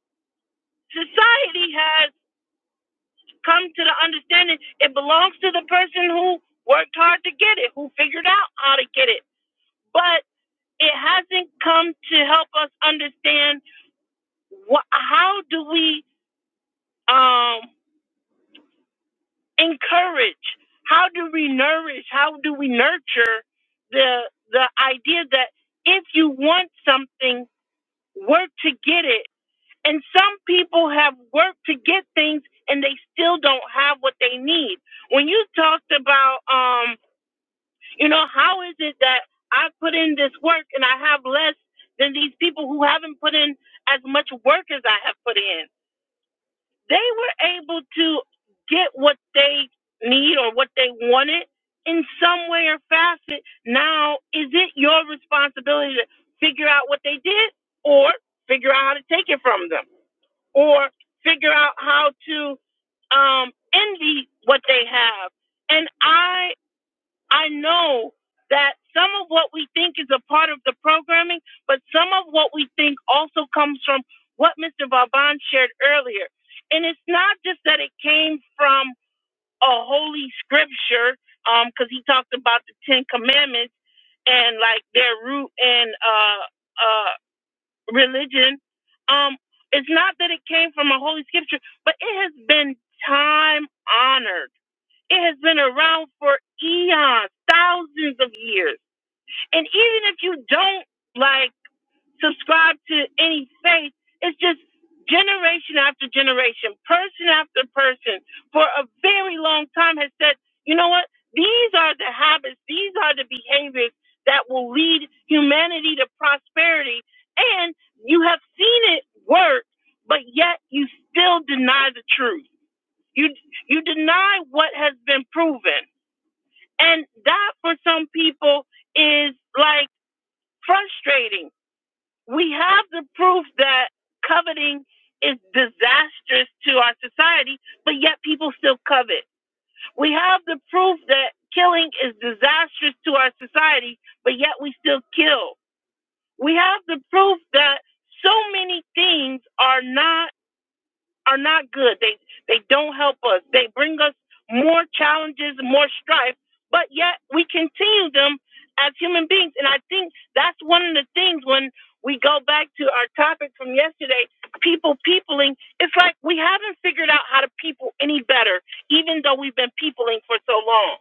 A: society has come to the understanding it belongs to the person who worked hard to get it, who figured out how to get it. But it hasn't come to help us understand what, how do we um, encourage? How do we nourish? How do we nurture the the idea that if you want something, work to get it. And some people have worked to get things and they still don't have what they need. When you talked about um, you know, how is it that I put in this work and I have less than these people who haven't put in as much work as I have put in? they were able to get what they need or what they wanted in some way or facet. Now, is it your responsibility to figure out what they did or figure out how to take it from them or figure out how to um, envy what they have? And I I know that some of what we think is a part of the programming, but some of what we think also comes from what Mr. Vaban shared earlier. And it's not just that it came from a holy scripture, because um, he talked about the Ten Commandments and like their root in uh, uh, religion. Um, it's not that it came from a holy scripture, but it has been time honored. It has been around for eons, thousands of years and even if you don't like subscribe to any faith, it's just generation after generation, person after person for a very long time has said, you know what? These are the habits, these are the behaviors that will lead humanity to prosperity. And you have seen it work, but yet you still deny the truth. You you deny what has been proven. And that for some people is like frustrating we have the proof that coveting is disastrous to our society, but yet people still covet. We have the proof that killing is disastrous to our society, but yet we still kill. We have the proof that so many things are not are not good. They they don't help us. They bring us more challenges, more strife, but yet we continue them as human beings. And I think that's one of the things when we go back to our topic from yesterday, people peopling, it's like we haven't figured out how to people any better, even though we've been peopling for so long.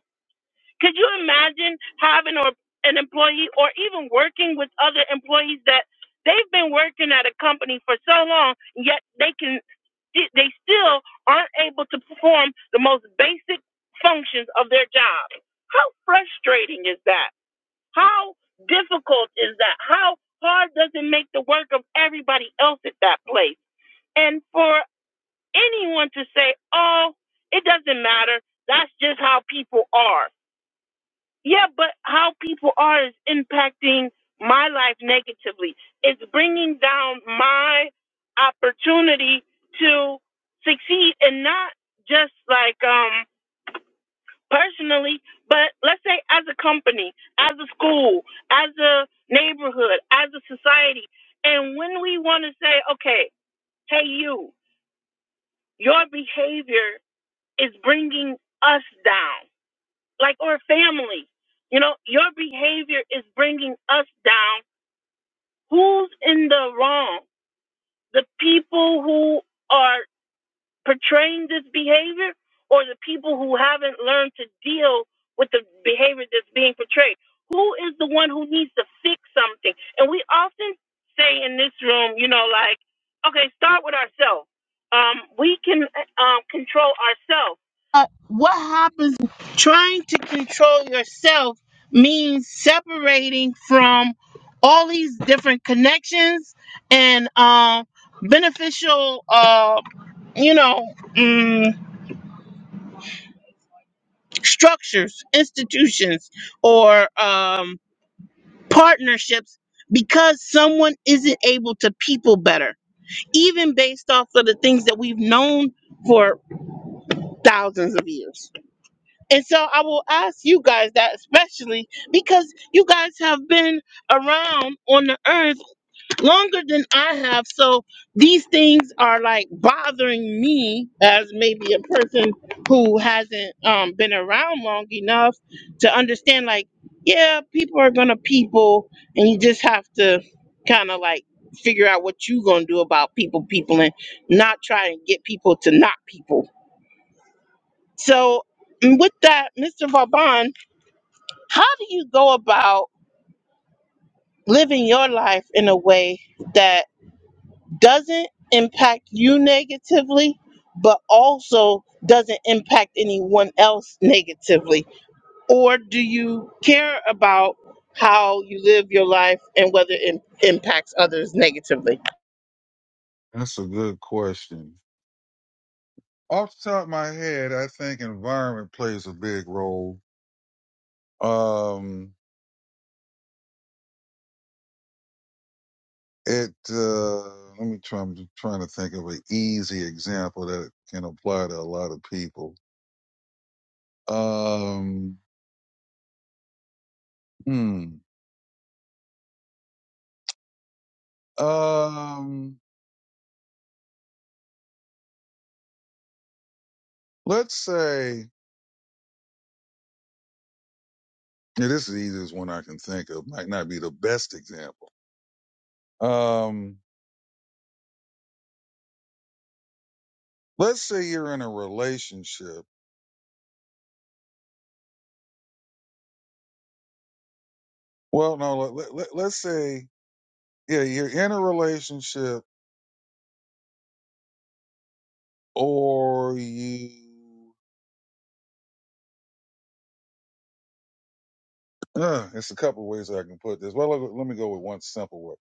A: Could you imagine having or an employee or even working with other employees that they've been working at a company for so long, yet they can sti- they still aren't able to perform the most basic functions of their job. How frustrating is that? How difficult is that? How hard does it make the work of everybody else at that place? And for anyone to say, "Oh, it doesn't matter. That's just how people are." Yeah, but how people are is impacting my life negatively. It's bringing down my opportunity to succeed and not just like um personally, but let's say as a company, as a school, as a neighborhood, as a society. And when we want to say, okay, hey you, your behavior is bringing us down. Like Emily, you know, your behavior is bringing us down Who's in the wrong? The people who are portraying this behavior or the people who haven't learned to deal with the behavior that's being portrayed? Who is the one who needs to fix something? And we often say in this room, you know, like, okay, start with ourselves. Um, we can um, control ourselves. Uh, what happens trying to control yourself means separating from all these different connections and um, beneficial uh, you know, mm, structures, institutions, or um, partnerships because someone isn't able to people better, even based off of the things that we've known for thousands of years. And so I will ask you guys that especially because you guys have been around on the earth longer than I have. So these things are like bothering me as maybe a person who hasn't um, been around long enough to understand, like, yeah, people are going to people, and you just have to kind of like figure out what you're going to do about people, people, and not try and get people to not people. So, mm, with that, Mr. Vauban, how do you go about living your life in a way that doesn't impact you negatively, but also doesn't impact anyone else negatively? Or do you care about how you live your life and whether it impacts others negatively?
E: That's a good question. Off the top of my head, I think environment plays a big role. Um, it uh, let me try. I'm trying to think of an easy example that can apply to a lot of people. Um, hmm. Um, let's say yeah, this is the easiest one I can think of. Might not be the best example. Um, let's say you're in a relationship Well, no, let, let, let- let's say, yeah, you're in a relationship or you, uh, it's a couple of ways I can put this. Well, let, let me go with one simple way.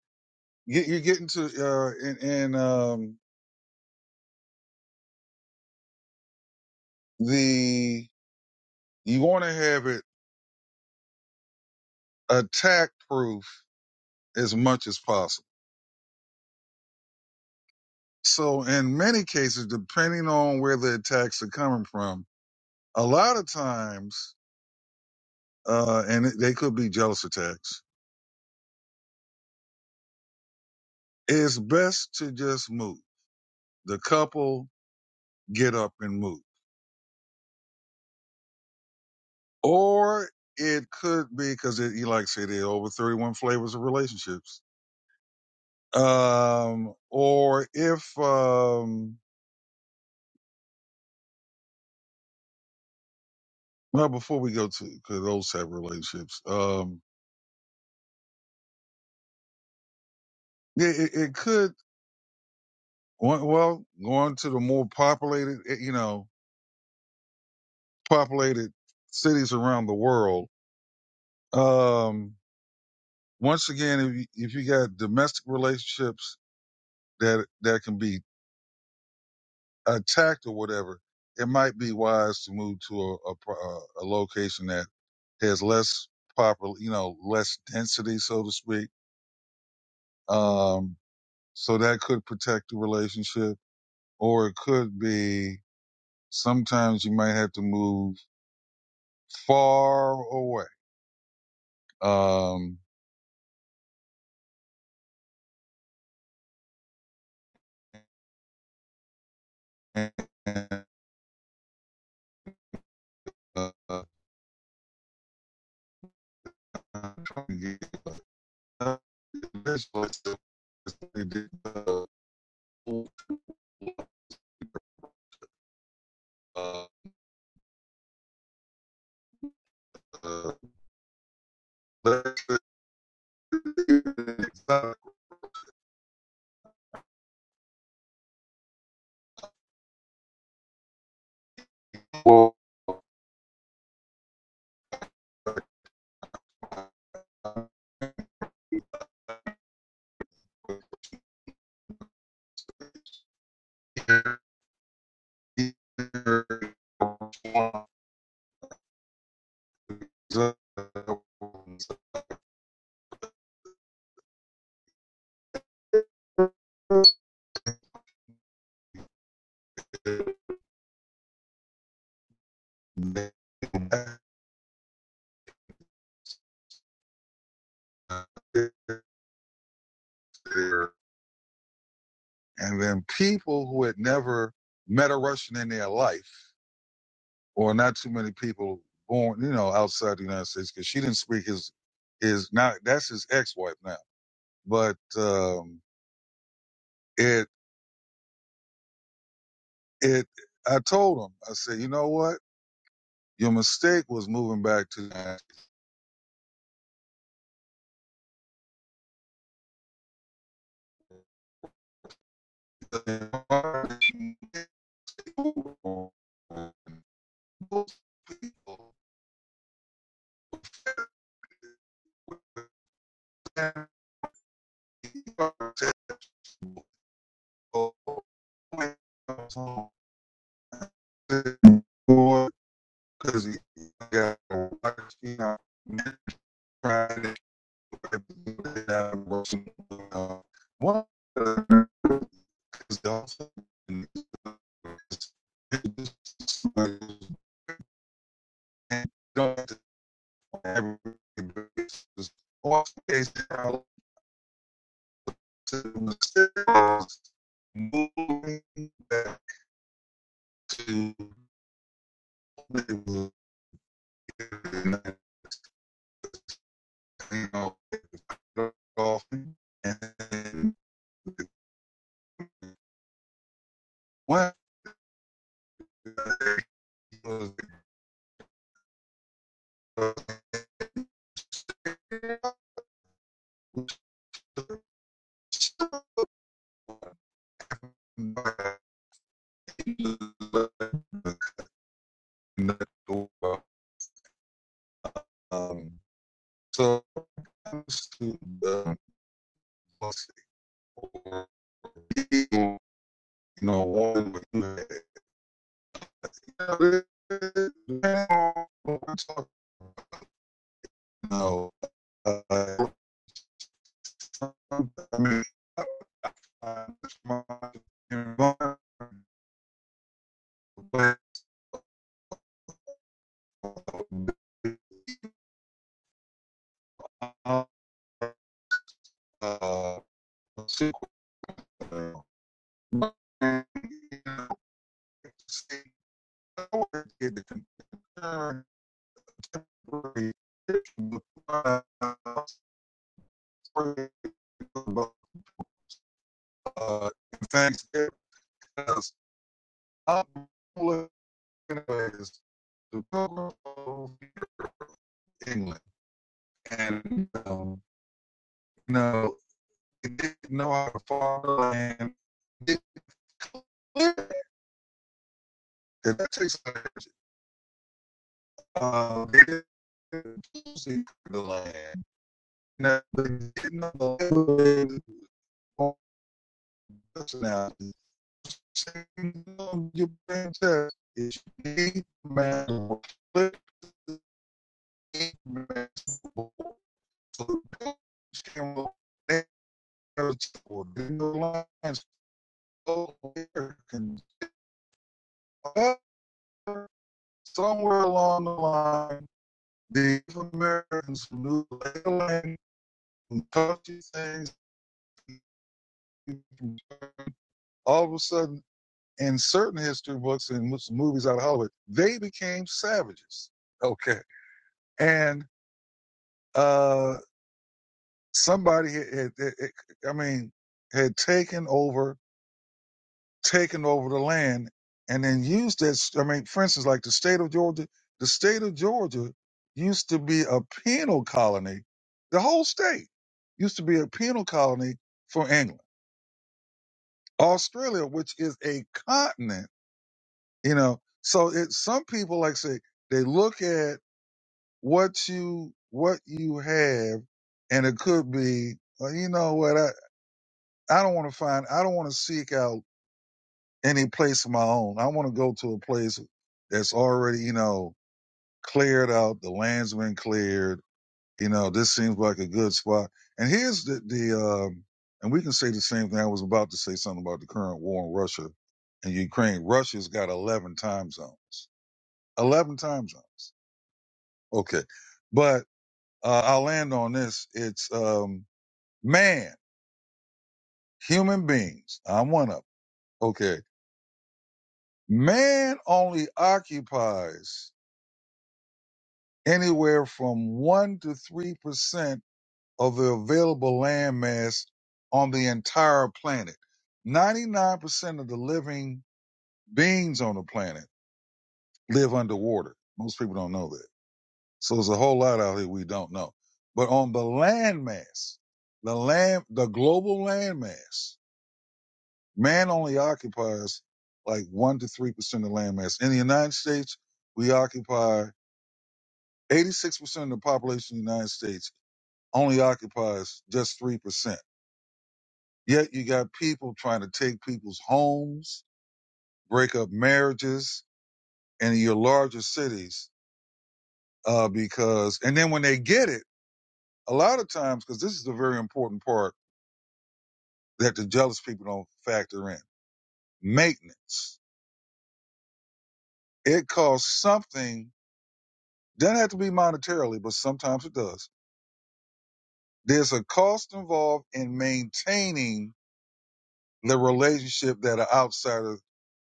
E: You, you're getting to, uh, in, in, um, the, you want to have it attack proof as much as possible. So in many cases, depending on where the attacks are coming from, a lot of times, uh, and they could be jealous attacks, it's best to just move. The couple get up and move. Or it could be because you like I said, there are over 31 flavors of relationships. Um, or if, um, well, before we go to cause those type of relationships, um, yeah, it, it could, well, well, going to the more populated, eh, you know, populated cities around the world. Um, once again, if you, if you got domestic relationships that, that can be attacked or whatever, it might be wise to move to a, a, pro- a a location that has less popular, you know, less density, so to speak. Um, so that could protect the relationship, or it could be sometimes you might have to move far away. Um, and, uh, I'm trying to get up this was the- they did the, uh, uh, less- (laughs) it's not- And then people who had never met a Russian in their life, or not too many people born, you know, outside the United States, because she didn't speak his, his not that's his ex-wife now. But um, it it I told him, I said, you know what? Your mistake was moving back to the United States." most people would have because he got a lot of you know, trying to get out of work. Uh, One is also don't have to the moving back to Hollywood in 1905, and what he was um, so comes to the pussy or you know woman No, uh, I mean, uh, it's uh, uh, uh, uh, was to Pilgrim, England. And, um, you know, it didn't know how to farm the land. It cleared it. And that takes energy. Uh, they didn't see the land. Now, they didn't know the land personality. your brain test. If you need man flip the man to the the lines Americans? However, somewhere along the line, the Americans who knew the land and taught these things, all of a sudden, in certain history books and movies out of Hollywood, they became savages. Okay, and uh, somebody had, had, had, I mean, had taken over taken over the land and then used that. I mean, for instance, like the state of Georgia, the state of Georgia used to be a penal colony. The whole state used to be a penal colony for England. Australia, which is a continent, you know, so it, some people like say they look at what you, what you have and it could be, well, you know what? I, I don't want to find, I don't want to seek out any place of my own. I want to go to a place that's already, you know, cleared out. The land's been cleared. You know, this seems like a good spot. And here's the, the um, and we can say the same thing. I was about to say something about the current war in Russia and Ukraine. Russia's got 11 time zones, 11 time zones. Okay. But uh, I'll land on this. It's um, man, human beings. I'm one of 'em. Okay. Man only occupies anywhere from 1 to 3% of the available land mass on the entire planet. 99% of the living beings on the planet live underwater. Most people don't know that. So there's a whole lot out here we don't know. But on the land mass, the land, the global land mass, man only occupies like 1 to 3% of land mass. In the United States, we occupy 86% of the population of the United States only occupies just 3%. Yet you got people trying to take people's homes, break up marriages in your larger cities uh, because, and then when they get it, a lot of times, because this is a very important part that the jealous people don't factor in maintenance. It costs something, doesn't have to be monetarily, but sometimes it does. There's a cost involved in maintaining the relationship that an outsider,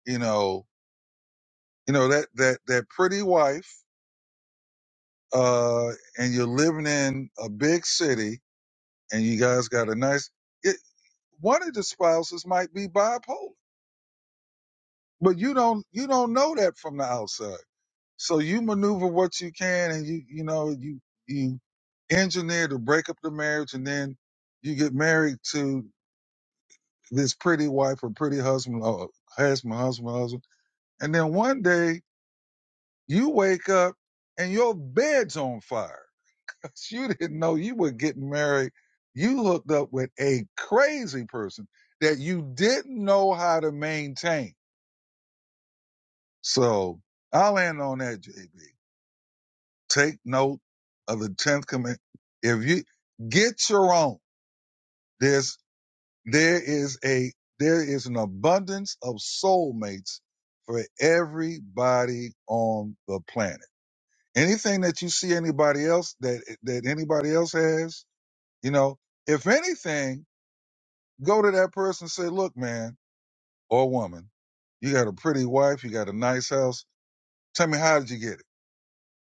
E: you know, you know, that, that, that pretty wife uh, and you're living in a big city, and you guys got a nice. It, one of the spouses might be bipolar, but you don't you don't know that from the outside. So you maneuver what you can, and you you know you you engineer to break up the marriage, and then you get married to this pretty wife or pretty husband or husband husband husband, and then one day you wake up and your bed's on fire you didn't know you were getting married. You hooked up with a crazy person that you didn't know how to maintain. So I'll end on that, JB. Take note of the 10th command. If you get your own, there's, there is a, there is an abundance of soulmates for everybody on the planet. Anything that you see anybody else that, that anybody else has, you know, if anything, Go to that person and say, look, man or woman, you got a pretty wife, you got a nice house. Tell me how did you get it?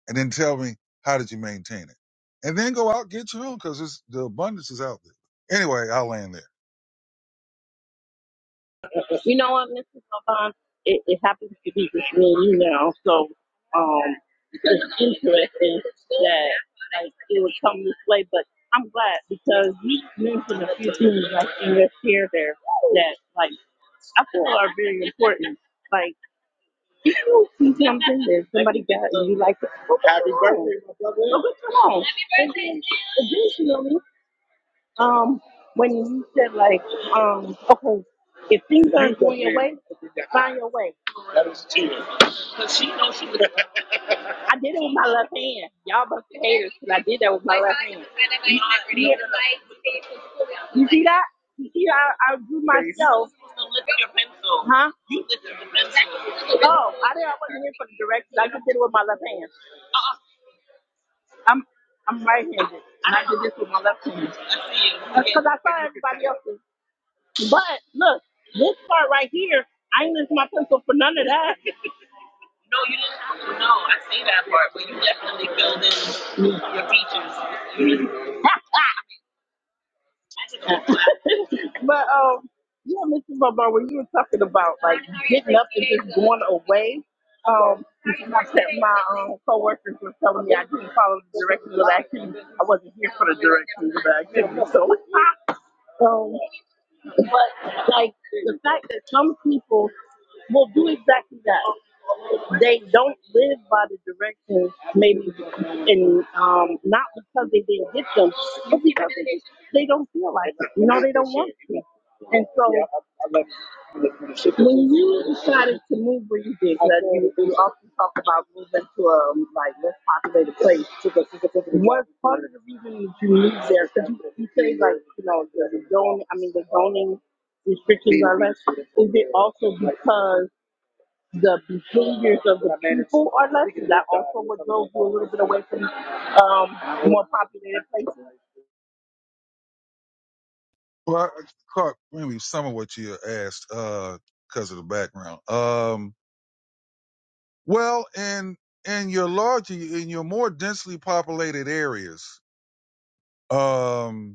E: And then tell me how did you maintain it? And then go out and get your own because the abundance is out there. Anyway, I'll land there.
A: You know what? Miss Vaughn? It, it happens to be just me you know. so um, interesting that like it would come this way. But I'm glad because you mentioned a few things like in your share there. Somebody got you like, oh, Mine, your it was my left hand. Haters my left hand. You see that? You see how I drew myself? Lift your pencil. Huh? You lift your pencil. Oh, I did. not I wasn't here for the directions. I just did it with my left hand. I'm I'm right-handed, and I did this with my left hand. That's Because I saw everybody else's. But look, this part right here, I ain't lifting my pencil for none of that. No, No, you you didn't. No, I see that part, but you definitely filled in your features. But um, yeah, Mr. Bobo, when you were talking about like getting up and just going away, um, my te- my um, coworkers were telling me I didn't follow the directions of the activity. I wasn't here for the directions of the activity, so. (laughs) Um, but like the fact that some people will do exactly that. They don't live by the directions, maybe, and um, not because they didn't get them, but because they just they don't feel like it. You know, they don't want to. And so When you decided to move where you did, 'cause you, you often talk about moving to a like less populated place. what part of the reason that you moved there? Because you, you say like you know the, the zoning. I mean the zoning restrictions are less. Is it also because the behaviors of the people are less? Is that also what drove you a little bit away from um, more populated places?
E: Well, I caught maybe some of what you asked because of the background. Um, well, in in your larger, in your more densely populated areas, um,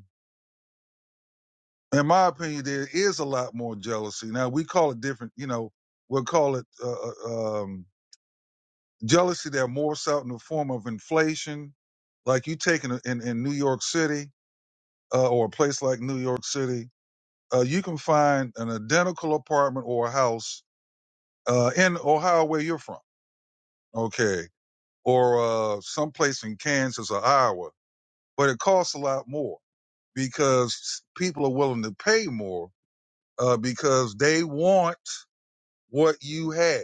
E: in my opinion, there is a lot more jealousy. Now we call it different, you know, we'll call it uh, uh, um, jealousy that morphs out in the form of inflation. Like you take in, in, in New York City uh, or a place like New York City, uh, you can find an identical apartment or a house uh, in Ohio where you're from, okay, or uh, someplace in Kansas or Iowa, but it costs a lot more because people are willing to pay more uh, because they want what you have.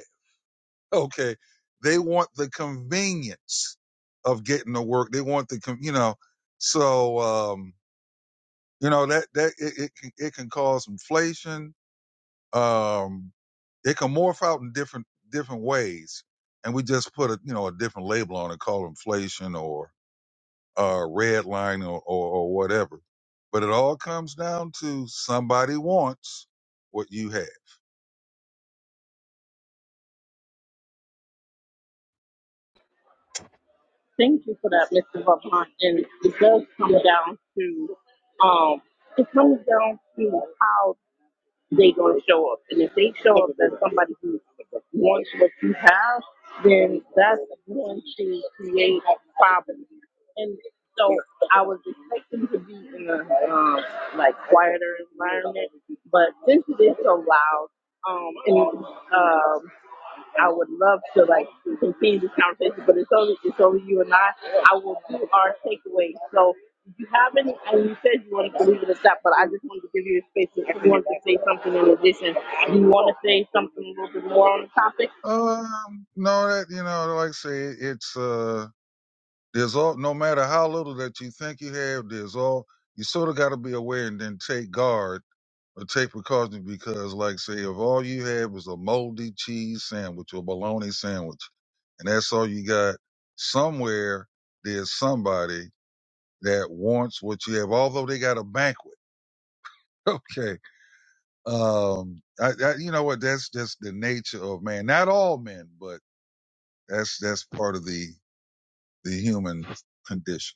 E: Okay. They want the convenience of getting to work. They want the, con- you know, so, um, you know, that, that, it, it can, it can cause inflation. Um, it can morph out in different, different ways. And we just put a, you know, a different label on it called inflation or, uh, red line or, or, or whatever. But it all comes down to somebody wants what you have.
A: Thank you for that, Mr. Vaughn. And it does come down to um it comes down to how they gonna show up. And if they show up as somebody who wants what you have, then that's going to create problems. And so I was expecting to be in a um like quieter environment, but since it is so loud, um and um I would love to like continue this conversation, but it's only it's only you and I. I will do our takeaway. So if you have any, and you said you wanted to leave it at that, but I just wanted to give you a space if you wanted to say something in addition. Do You want to say something a little bit more on the topic?
E: Um, no, that, you know, like I say, it's, uh, There's all, no matter how little that you think you have, there's all, you sort of got to be aware and then take guard or take precaution because, like, say, if all you have is a moldy cheese sandwich or bologna sandwich, and that's all you got, somewhere there's somebody that wants what you have, although they got a banquet. (laughs) Okay. Um, I, I, you know what? That's just the nature of man. Not all men, but that's, that's part of the, the human condition.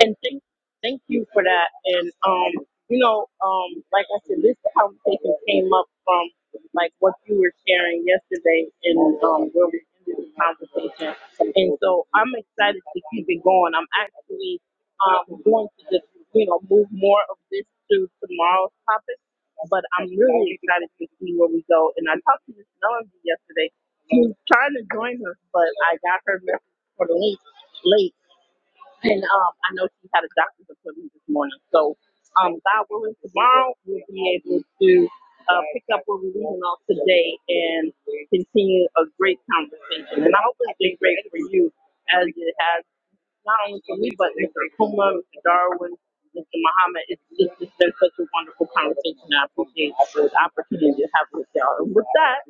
A: And thank, thank you for that. And, um, you know, um, like I said, this conversation came up from like what you were sharing yesterday and um, where we ended the conversation. And so I'm excited to keep it going. I'm actually um, going to just, you know, move more of this to tomorrow's topic. But I'm really excited to see where we go. And I talked to Miss Melody yesterday. She was trying to join us, but I got her message for the link late. And um, I know she had a doctor's appointment this morning. So, um, God willing, tomorrow we'll be able to uh, pick up where we're leaving off today and continue a great conversation. And I hope it's been great for you, as it has not only for me, but Mr. Kuma, Mr. Darwin, Mr. Muhammad. It's just it's been such a wonderful conversation. I appreciate the opportunity to have with y'all. And with that,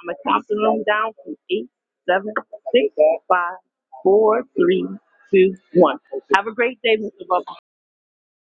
A: I'm gonna count the room down from eight, seven, six, five, four, three, two, one. Have a great day, Mr. Bubba.